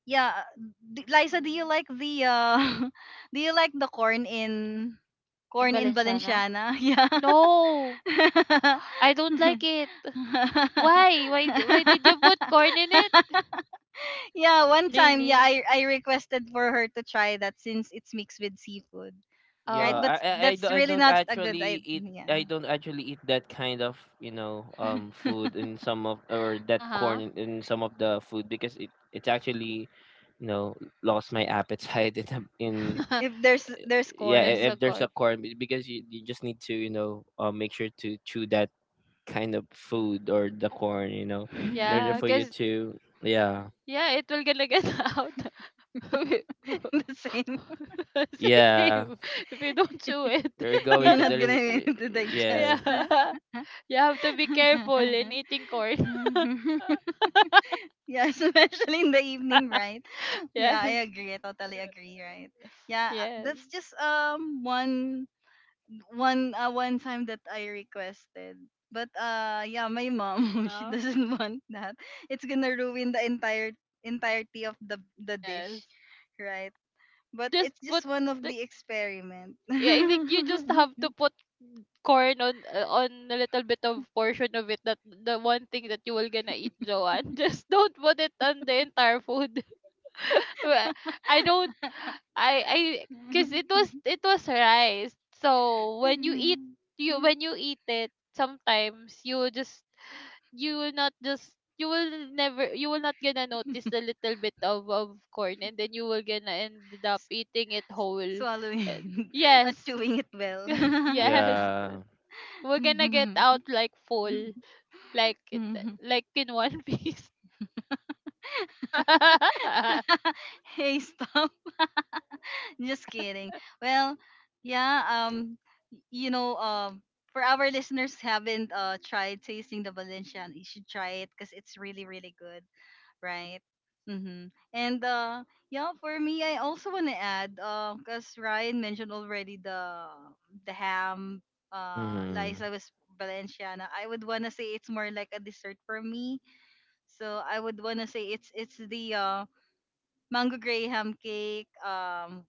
Speaker 1: yeah, Liza, do you
Speaker 2: Mm-hmm.
Speaker 1: like the do you like the corn in
Speaker 2: And
Speaker 1: corn in
Speaker 2: Valenciana?
Speaker 1: Valenciana? Yeah.
Speaker 2: No, I don't like it. Why? Why? Why did you put corn in it?
Speaker 1: Yeah, one time, yeah,
Speaker 2: Really?
Speaker 1: I requested for her to try that since it's mixed with seafood,
Speaker 3: Yeah.
Speaker 1: right?
Speaker 2: Oh.
Speaker 3: I,
Speaker 1: But
Speaker 3: I I don't
Speaker 1: that's really not a good idea.
Speaker 3: actually eat that kind of food in some of, or that
Speaker 2: Uh
Speaker 3: corn
Speaker 2: huh.
Speaker 3: in some of the food, because it's actually you know lost my appetite in in.
Speaker 1: If there's
Speaker 3: Yeah,
Speaker 2: There's
Speaker 1: corn,
Speaker 2: a
Speaker 3: if there's a
Speaker 2: corn.
Speaker 3: corn, because you just need to make sure to chew that kind of
Speaker 2: Mm-hmm.
Speaker 3: food, or the corn, in order
Speaker 2: Yeah,
Speaker 3: for you
Speaker 2: 'cause,
Speaker 3: to, yeah.
Speaker 2: yeah, it will gonna get out. We-
Speaker 1: the same,
Speaker 3: Yeah,
Speaker 2: Same. If you don't chew it.
Speaker 3: you're going
Speaker 1: you're
Speaker 3: to
Speaker 1: not
Speaker 3: the
Speaker 1: gonna be able to digest
Speaker 2: Yeah.
Speaker 3: yes,
Speaker 1: that.
Speaker 2: You have to be careful in eating corn.
Speaker 1: Yeah, especially in the evening, right? Yeah, I
Speaker 2: Yes.
Speaker 1: agree. I totally agree, right? Yeah,
Speaker 2: Yes.
Speaker 1: that's just one one time that I requested. But yeah, my mom she
Speaker 2: Uh-huh.
Speaker 1: doesn't want that. It's gonna ruin the entire entirety of the
Speaker 2: Yes.
Speaker 1: dish, right? But
Speaker 2: Just
Speaker 1: it's
Speaker 2: put
Speaker 1: just one of
Speaker 2: the,
Speaker 1: the experiment.
Speaker 2: yeah, I think you just have to put corn on, on a little bit of portion of it, that the one thing that you will gonna eat, Joanne. Just don't put it on the entire food. Well, I don't I, because it was, it was rice. So when you eat, you when you eat it, sometimes you will just, you will never, you will not gonna notice the little bit of corn, and then you will gonna end up
Speaker 1: S-
Speaker 2: eating it whole.
Speaker 1: Swallowing,
Speaker 2: And yes,
Speaker 1: not chewing it well.
Speaker 2: yes,
Speaker 3: yeah.
Speaker 2: we're gonna get out like full, like it- like in one piece.
Speaker 1: Hey, stop. Just kidding. Well, yeah, you know, for our listeners haven't tried tasting the Valencian, you should try it because it's really, really good, right? Mm-hmm. And yeah, for me, I also want to add, cause Ryan mentioned already the ham,
Speaker 3: Mhm.
Speaker 1: Liza was Valenciana. I would wanna say it's more like a dessert for me. So I would wanna say it's the mango graham cake.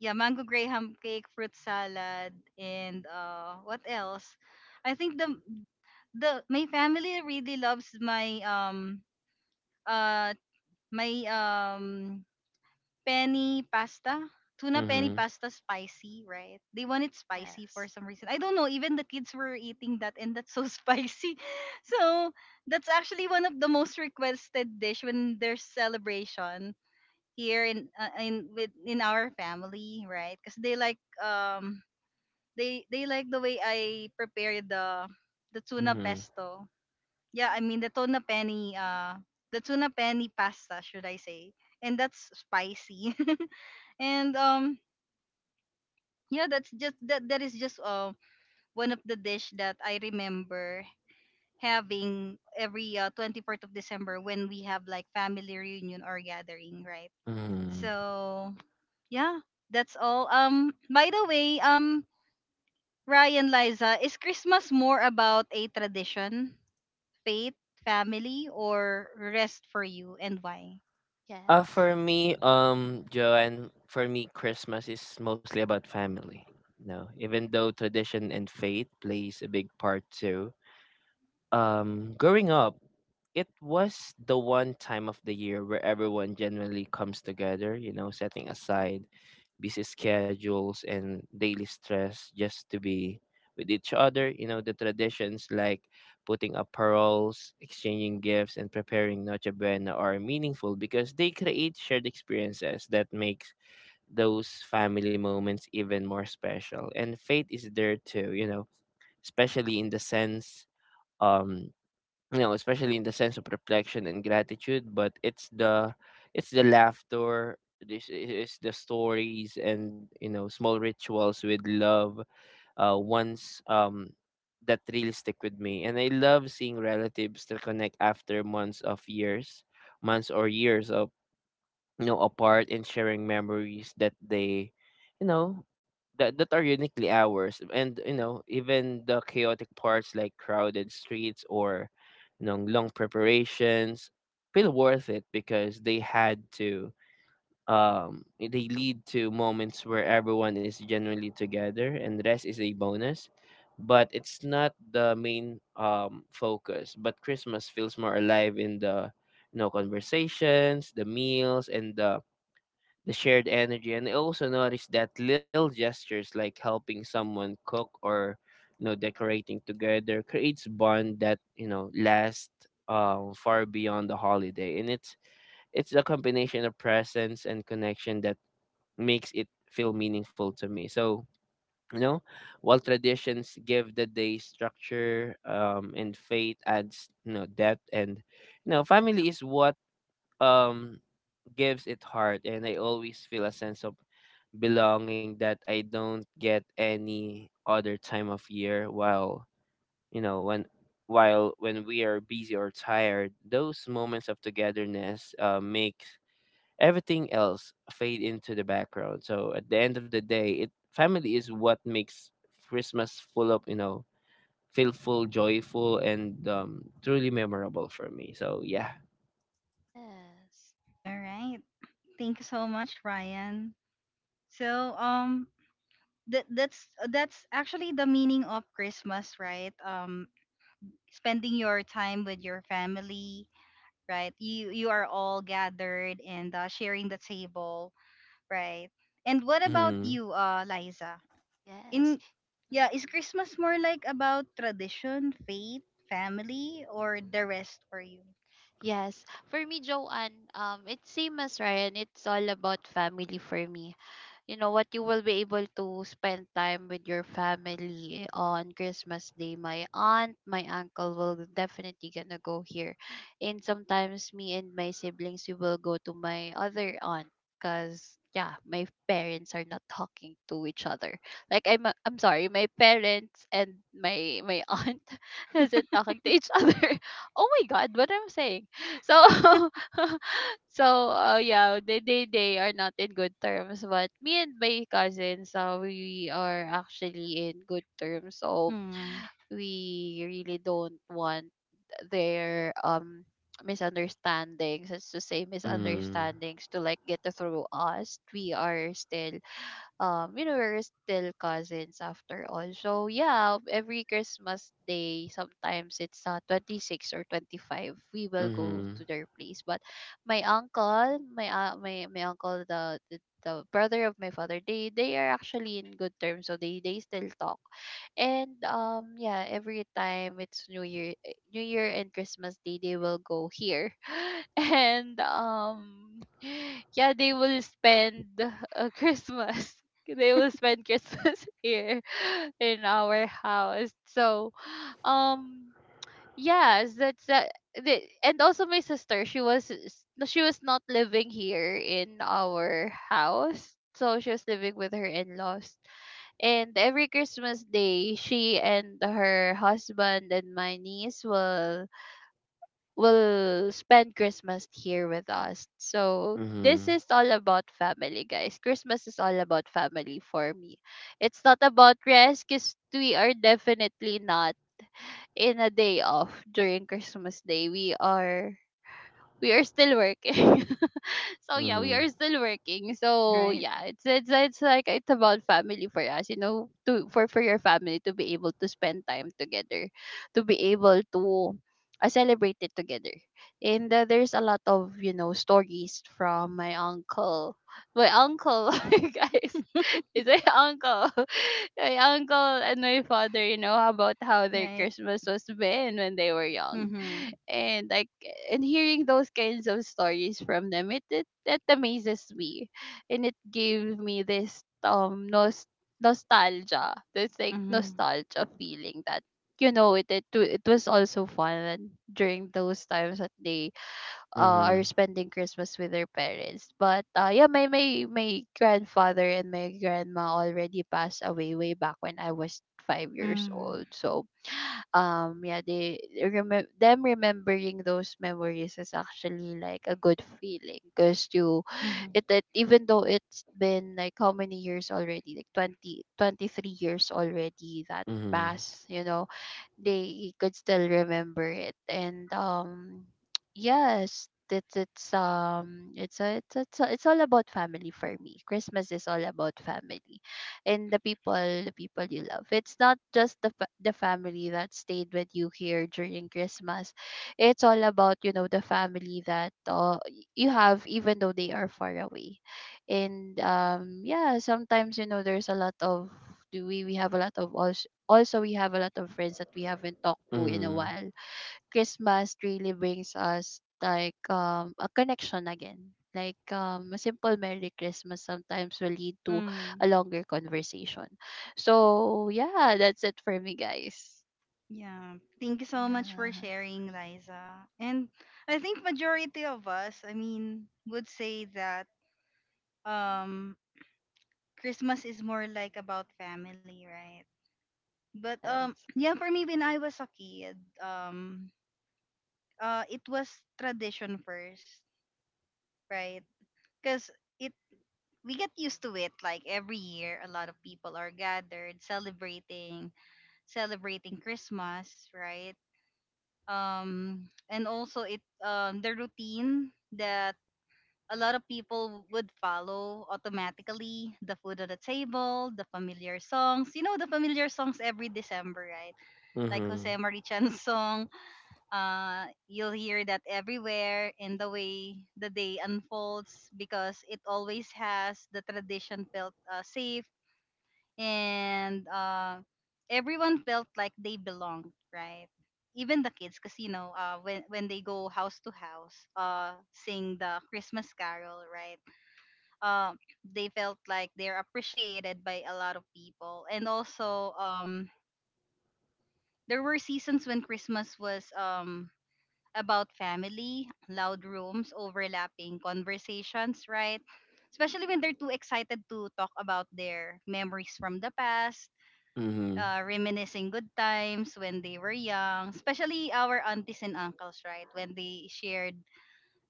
Speaker 1: Yeah, mango graham cake, fruit salad, and what else? I think the my family really loves my uh My um penny pasta, tuna penny
Speaker 3: Mhm.
Speaker 1: pasta spicy, right? They want it spicy for
Speaker 2: Yes.
Speaker 1: some reason. I don't know, even the kids were eating that and that's so spicy. So, that's actually one of the most requested dish when there's celebration here in with in our family, right? Cuz they like they like the way I prepare the tuna
Speaker 3: Mhm.
Speaker 1: pesto, yeah, I mean the tuna penny pasta, should I say? And that's spicy. And yeah, that is just one of the dish that I remember having every 24th of December when we have like family reunion or gathering, right?
Speaker 3: Mhm.
Speaker 1: So yeah, that's all. By the way, Ryan, Liza, is Christmas more about a tradition, faith, family, or rest for you, and why?
Speaker 2: Yes.
Speaker 3: Joanne, for me, Christmas is mostly about family. No, even though tradition and faith plays a big part too. Growing up, it was the one time of the year where everyone generally comes together, you know, setting aside busy schedules and daily stress just to be with each other. The traditions, like putting up paroles, exchanging gifts, and preparing Noche Buena, are meaningful because they create shared experiences that makes those family moments even more special. And faith is there too, especially in the sense um you know, especially in the sense of reflection and gratitude. But it's the laughter, this is the stories and small rituals with love. Once, that really stick with me, and I love seeing relatives that connect after months or years of apart, and sharing memories that they you know that, that are uniquely ours. And even the chaotic parts, like crowded streets or long preparations, feel worth it because they they lead to moments where everyone is genuinely together. And rest is a bonus, but it's not the main focus. But Christmas feels more alive in the conversations, the meals, and the shared energy. And I also noticed that little gestures, like helping someone cook or decorating together, creates bond that lasts far beyond the holiday. And it's the combination of presence and connection that makes it feel meaningful to me. So you know while traditions give the day structure, and faith adds depth, and family is what um gives it heart. And I always feel a sense of belonging that I don't get any other time of year. While when while when we are busy or tired, those moments of togetherness make everything else fade into the background. So at the end of the day, it family is what makes Christmas full of, feel joyful and truly memorable for me. So yeah.
Speaker 2: Yes.
Speaker 1: All right. Thank you so much, Ryan. So, that that's actually the meaning of Christmas, right? Um, spending your time with your family, right? You are all gathered and sharing the table, right? And what about
Speaker 3: Mm-hmm.
Speaker 1: you, Liza?
Speaker 2: Yes.
Speaker 1: In yeah, is
Speaker 2: Mm-hmm.
Speaker 1: Christmas more like about tradition, faith, family or
Speaker 2: Mm-hmm.
Speaker 1: the rest for you?
Speaker 2: Yes. For me, Joanne, it's same as Ryan. It's all about family for me. You know what, you will be able to spend time with your family on Christmas day. My aunt, my uncle will definitely gonna go here, and sometimes me and my siblings we will go to my other aunt, because yeah, my parents are not talking to each other. Like, I'm sorry, my parents and my aunt isn't talking to each other. Oh my god, what I'm saying? So so, yeah, they are not in good terms. But me and my cousins, we are actually in good terms. So
Speaker 1: Mm.
Speaker 2: we really don't want their misunderstandings, as to say
Speaker 1: Mm.
Speaker 3: Mm-hmm.
Speaker 2: misunderstandings, to like get through us. We are still, you know, we're still cousins after all. So yeah, every Christmas day sometimes it's 26th or 25th, we will go
Speaker 3: Mhm,
Speaker 2: to their place. But my uncle, my my uncle, the brother of my father, they are actually in good terms, so they still talk. And yeah, every time it's New Year, New Year and Christmas day, they will go here. And yeah, they will spend, Christmas, they will spend Christmas here in our house. So, um, yes, that's that. And also my sister, she was not living here in our house. So she was living with her in-laws. And every Christmas day, she and her husband and my niece will, spend Christmas here with us. So this
Speaker 3: mhm,
Speaker 2: is all about family, guys. Christmas is all about family for me. It's not about rest, because we are definitely not in a day off during Christmas day. We are still working. So yeah, we
Speaker 3: mhm,
Speaker 2: are still working. So
Speaker 1: Right.
Speaker 2: yeah, it's like it's about family for us, you know, to, for your family to be able to spend time together, to be able to, celebrate it together. And there's a lot of, you know, stories from my uncle, my uncle, guys. It's my uncle, my uncle and my father, you know, about how their
Speaker 1: Right.
Speaker 2: Christmas was been when they were young.
Speaker 1: Mhm.
Speaker 2: And like, and hearing those kinds of stories from them, it that amazes me, and it gave me this, nostalgia, this like
Speaker 1: Mhm.
Speaker 2: nostalgia feeling that, you know, it was also fun during those times that they, are
Speaker 3: mhm,
Speaker 2: spending Christmas with their parents. But yeah, my grandfather and my grandma already passed away, way back when I was 5 years
Speaker 1: Mm.
Speaker 2: old. So yeah, they remember them, remembering those memories is actually like a good feeling, because you
Speaker 1: Mm-hmm.
Speaker 2: it, it even though it's been like how many years already, like 20, 23 years already that
Speaker 3: mhm,
Speaker 2: passed, you know, they could still remember it. And yes, it's a, it's, it's all about family for me. Christmas is all about family, and the people, the people you love. It's not just the the family that stayed with you here during Christmas. It's all about, you know, the family that, you have, even though they are far away. And yeah, sometimes, you know, there's a lot of, do we have a lot of, also we have a lot of friends that we haven't talked to in a
Speaker 3: mhm,
Speaker 2: while. Christmas really brings us, like, a connection again. Like, a simple Merry Christmas sometimes will lead to a
Speaker 1: Mm.
Speaker 2: longer conversation. So yeah, that's it for me, guys.
Speaker 1: Yeah. Thank you so much for
Speaker 2: Yes.
Speaker 1: sharing, Liza. And I think majority of us, I mean, would say that um Christmas is more like about family, right? But
Speaker 2: Yes.
Speaker 1: yeah, for me when I was a kid, um it was tradition first, right? Cuz it we get used to it like every year a lot of people are gathered celebrating Christmas, right? Um, and also it, um, the routine that a lot of people would follow automatically, the food on the table, the familiar songs, you know, the familiar songs every December, right? Like Jose
Speaker 3: mhm,
Speaker 1: Marichan's song, you'll hear that everywhere in the way the day unfolds because it always has the tradition felt safe, and everyone felt like they belonged, right? Even the kids, because you know, when they go house to house, sing the Christmas carol, right? They felt like they're appreciated by a lot of people, and also, there were seasons when Christmas was about family, loud rooms, overlapping conversations, right? Especially when they're too excited to talk about their memories from the past,
Speaker 3: mhm,
Speaker 1: reminiscing good times when they were young, especially our aunties and uncles, right? When they shared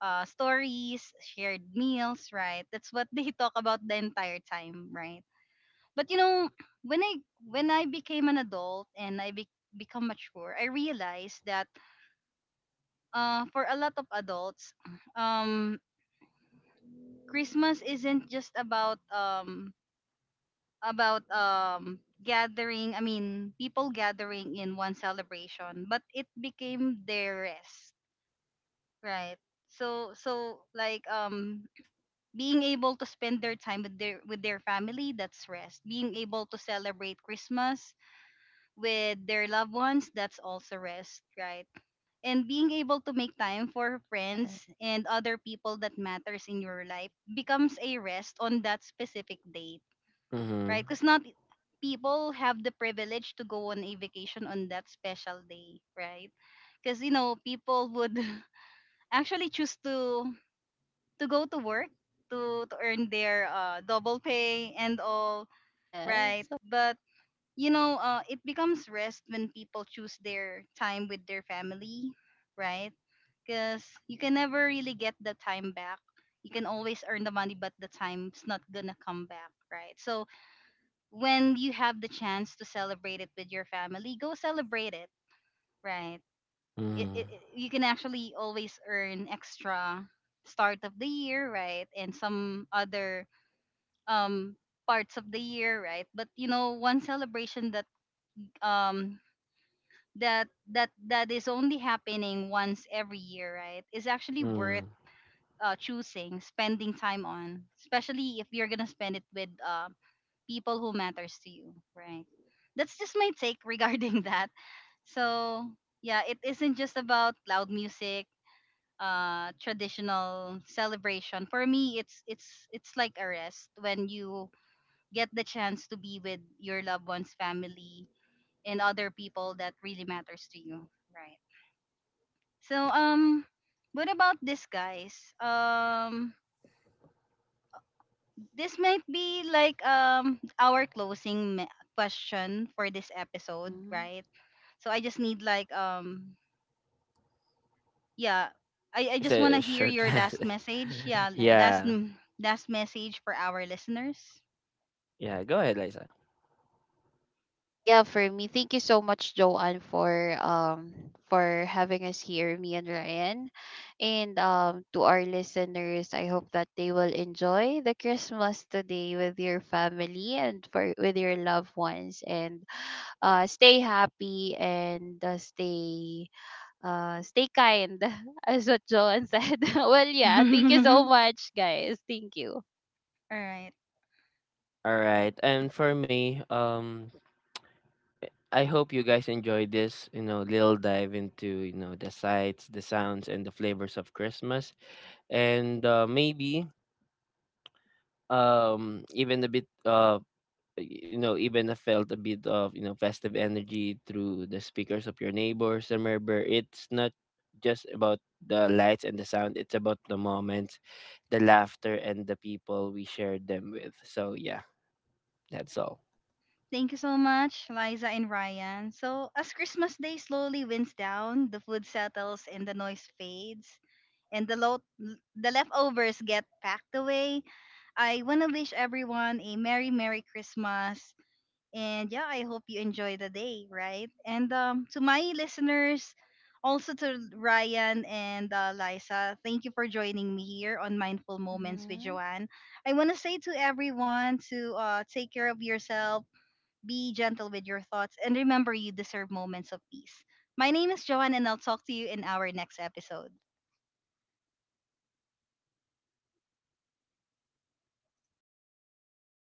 Speaker 1: stories, shared meals, right? That's what they talk about the entire time, right? But you know, when I when I became an adult and I become mature, I realized that for a lot of adults, um, Christmas isn't just about gathering, I mean people gathering in one celebration, but it became their rest, right? So, so like, um, being able to spend their time with their family, that's rest. Being able to celebrate Christmas with their loved ones, that's also rest, right? And being able to make time for
Speaker 2: Yes.
Speaker 1: friends and other people that matters in your life becomes a rest on that specific day,
Speaker 3: mhm,
Speaker 1: right? Because not people have the privilege to go on a vacation on that special day, right? Because you know people would actually choose to go to work to earn their double pay and all, right?
Speaker 2: Yes.
Speaker 1: But you know, it becomes rest when people choose their time with their family, right? Because you can never really get the time back. You can always earn the money, but the time's not gonna come back, right? So when you have the chance to celebrate it with your family, go celebrate it, right?
Speaker 3: mhm,
Speaker 1: You can actually always earn extra start of the year, right? And some other um parts of the year, right? But you know, one celebration that um that is only happening once every year, right, is actually worth
Speaker 3: mhm.
Speaker 1: choosing, spending time on, especially if you're gonna spend it with people who matters to you, right? That's just my take regarding that. So, yeah, it isn't just about loud music, traditional celebration. For me, it's it's like a rest when you get the chance to be with your loved one's family and other people that really matters to you, right? So, what about this, guys? Um, this might be like our closing question for this episode,
Speaker 2: Mm,
Speaker 1: right? So I just need like yeah, I
Speaker 3: It's
Speaker 1: just want
Speaker 3: a
Speaker 1: to hear
Speaker 3: short
Speaker 1: your last
Speaker 3: message.
Speaker 1: message. Yeah,
Speaker 2: yes.
Speaker 1: last
Speaker 3: Yeah,
Speaker 1: last message for our listeners.
Speaker 3: yeah. Go ahead, Liza.
Speaker 2: Yeah, for me, thank you so much, Joanne, for having us here, me and Ryan. And to our listeners, I hope that they will enjoy the Christmas today with your family and for with your loved ones, and stay happy and, stay, stay kind, as what Joanne said. Well, yeah, thank you
Speaker 1: All
Speaker 2: so much, guys. Thank you.
Speaker 1: right.
Speaker 3: All right, and for me, I hope you guys enjoyed this, you know, little dive into the sights, the sounds, and the flavors of Christmas. And maybe even a bit, even I felt a bit of festive energy through the speakers of your neighbors. Remember, it's not just about the lights and the sound, it's about the moments, the laughter, and the people we shared them with. So yeah, that's all.
Speaker 1: Thank you so much, Liza and Ryan. So, as Christmas Day slowly winds down, the food settles and the noise fades, and the the leftovers get packed away, I want to wish everyone a merry, merry Christmas. And yeah, I hope you enjoy the day, right? And to my listeners, also to Ryan and Liza, thank you for joining me here on Mindful Moments with
Speaker 2: Mm-hmm.
Speaker 1: Joanne. I want to say to everyone to take care of yourself, be gentle with your thoughts, and remember you deserve moments of peace. My name is Joanne, and I'll talk to you in our next episode.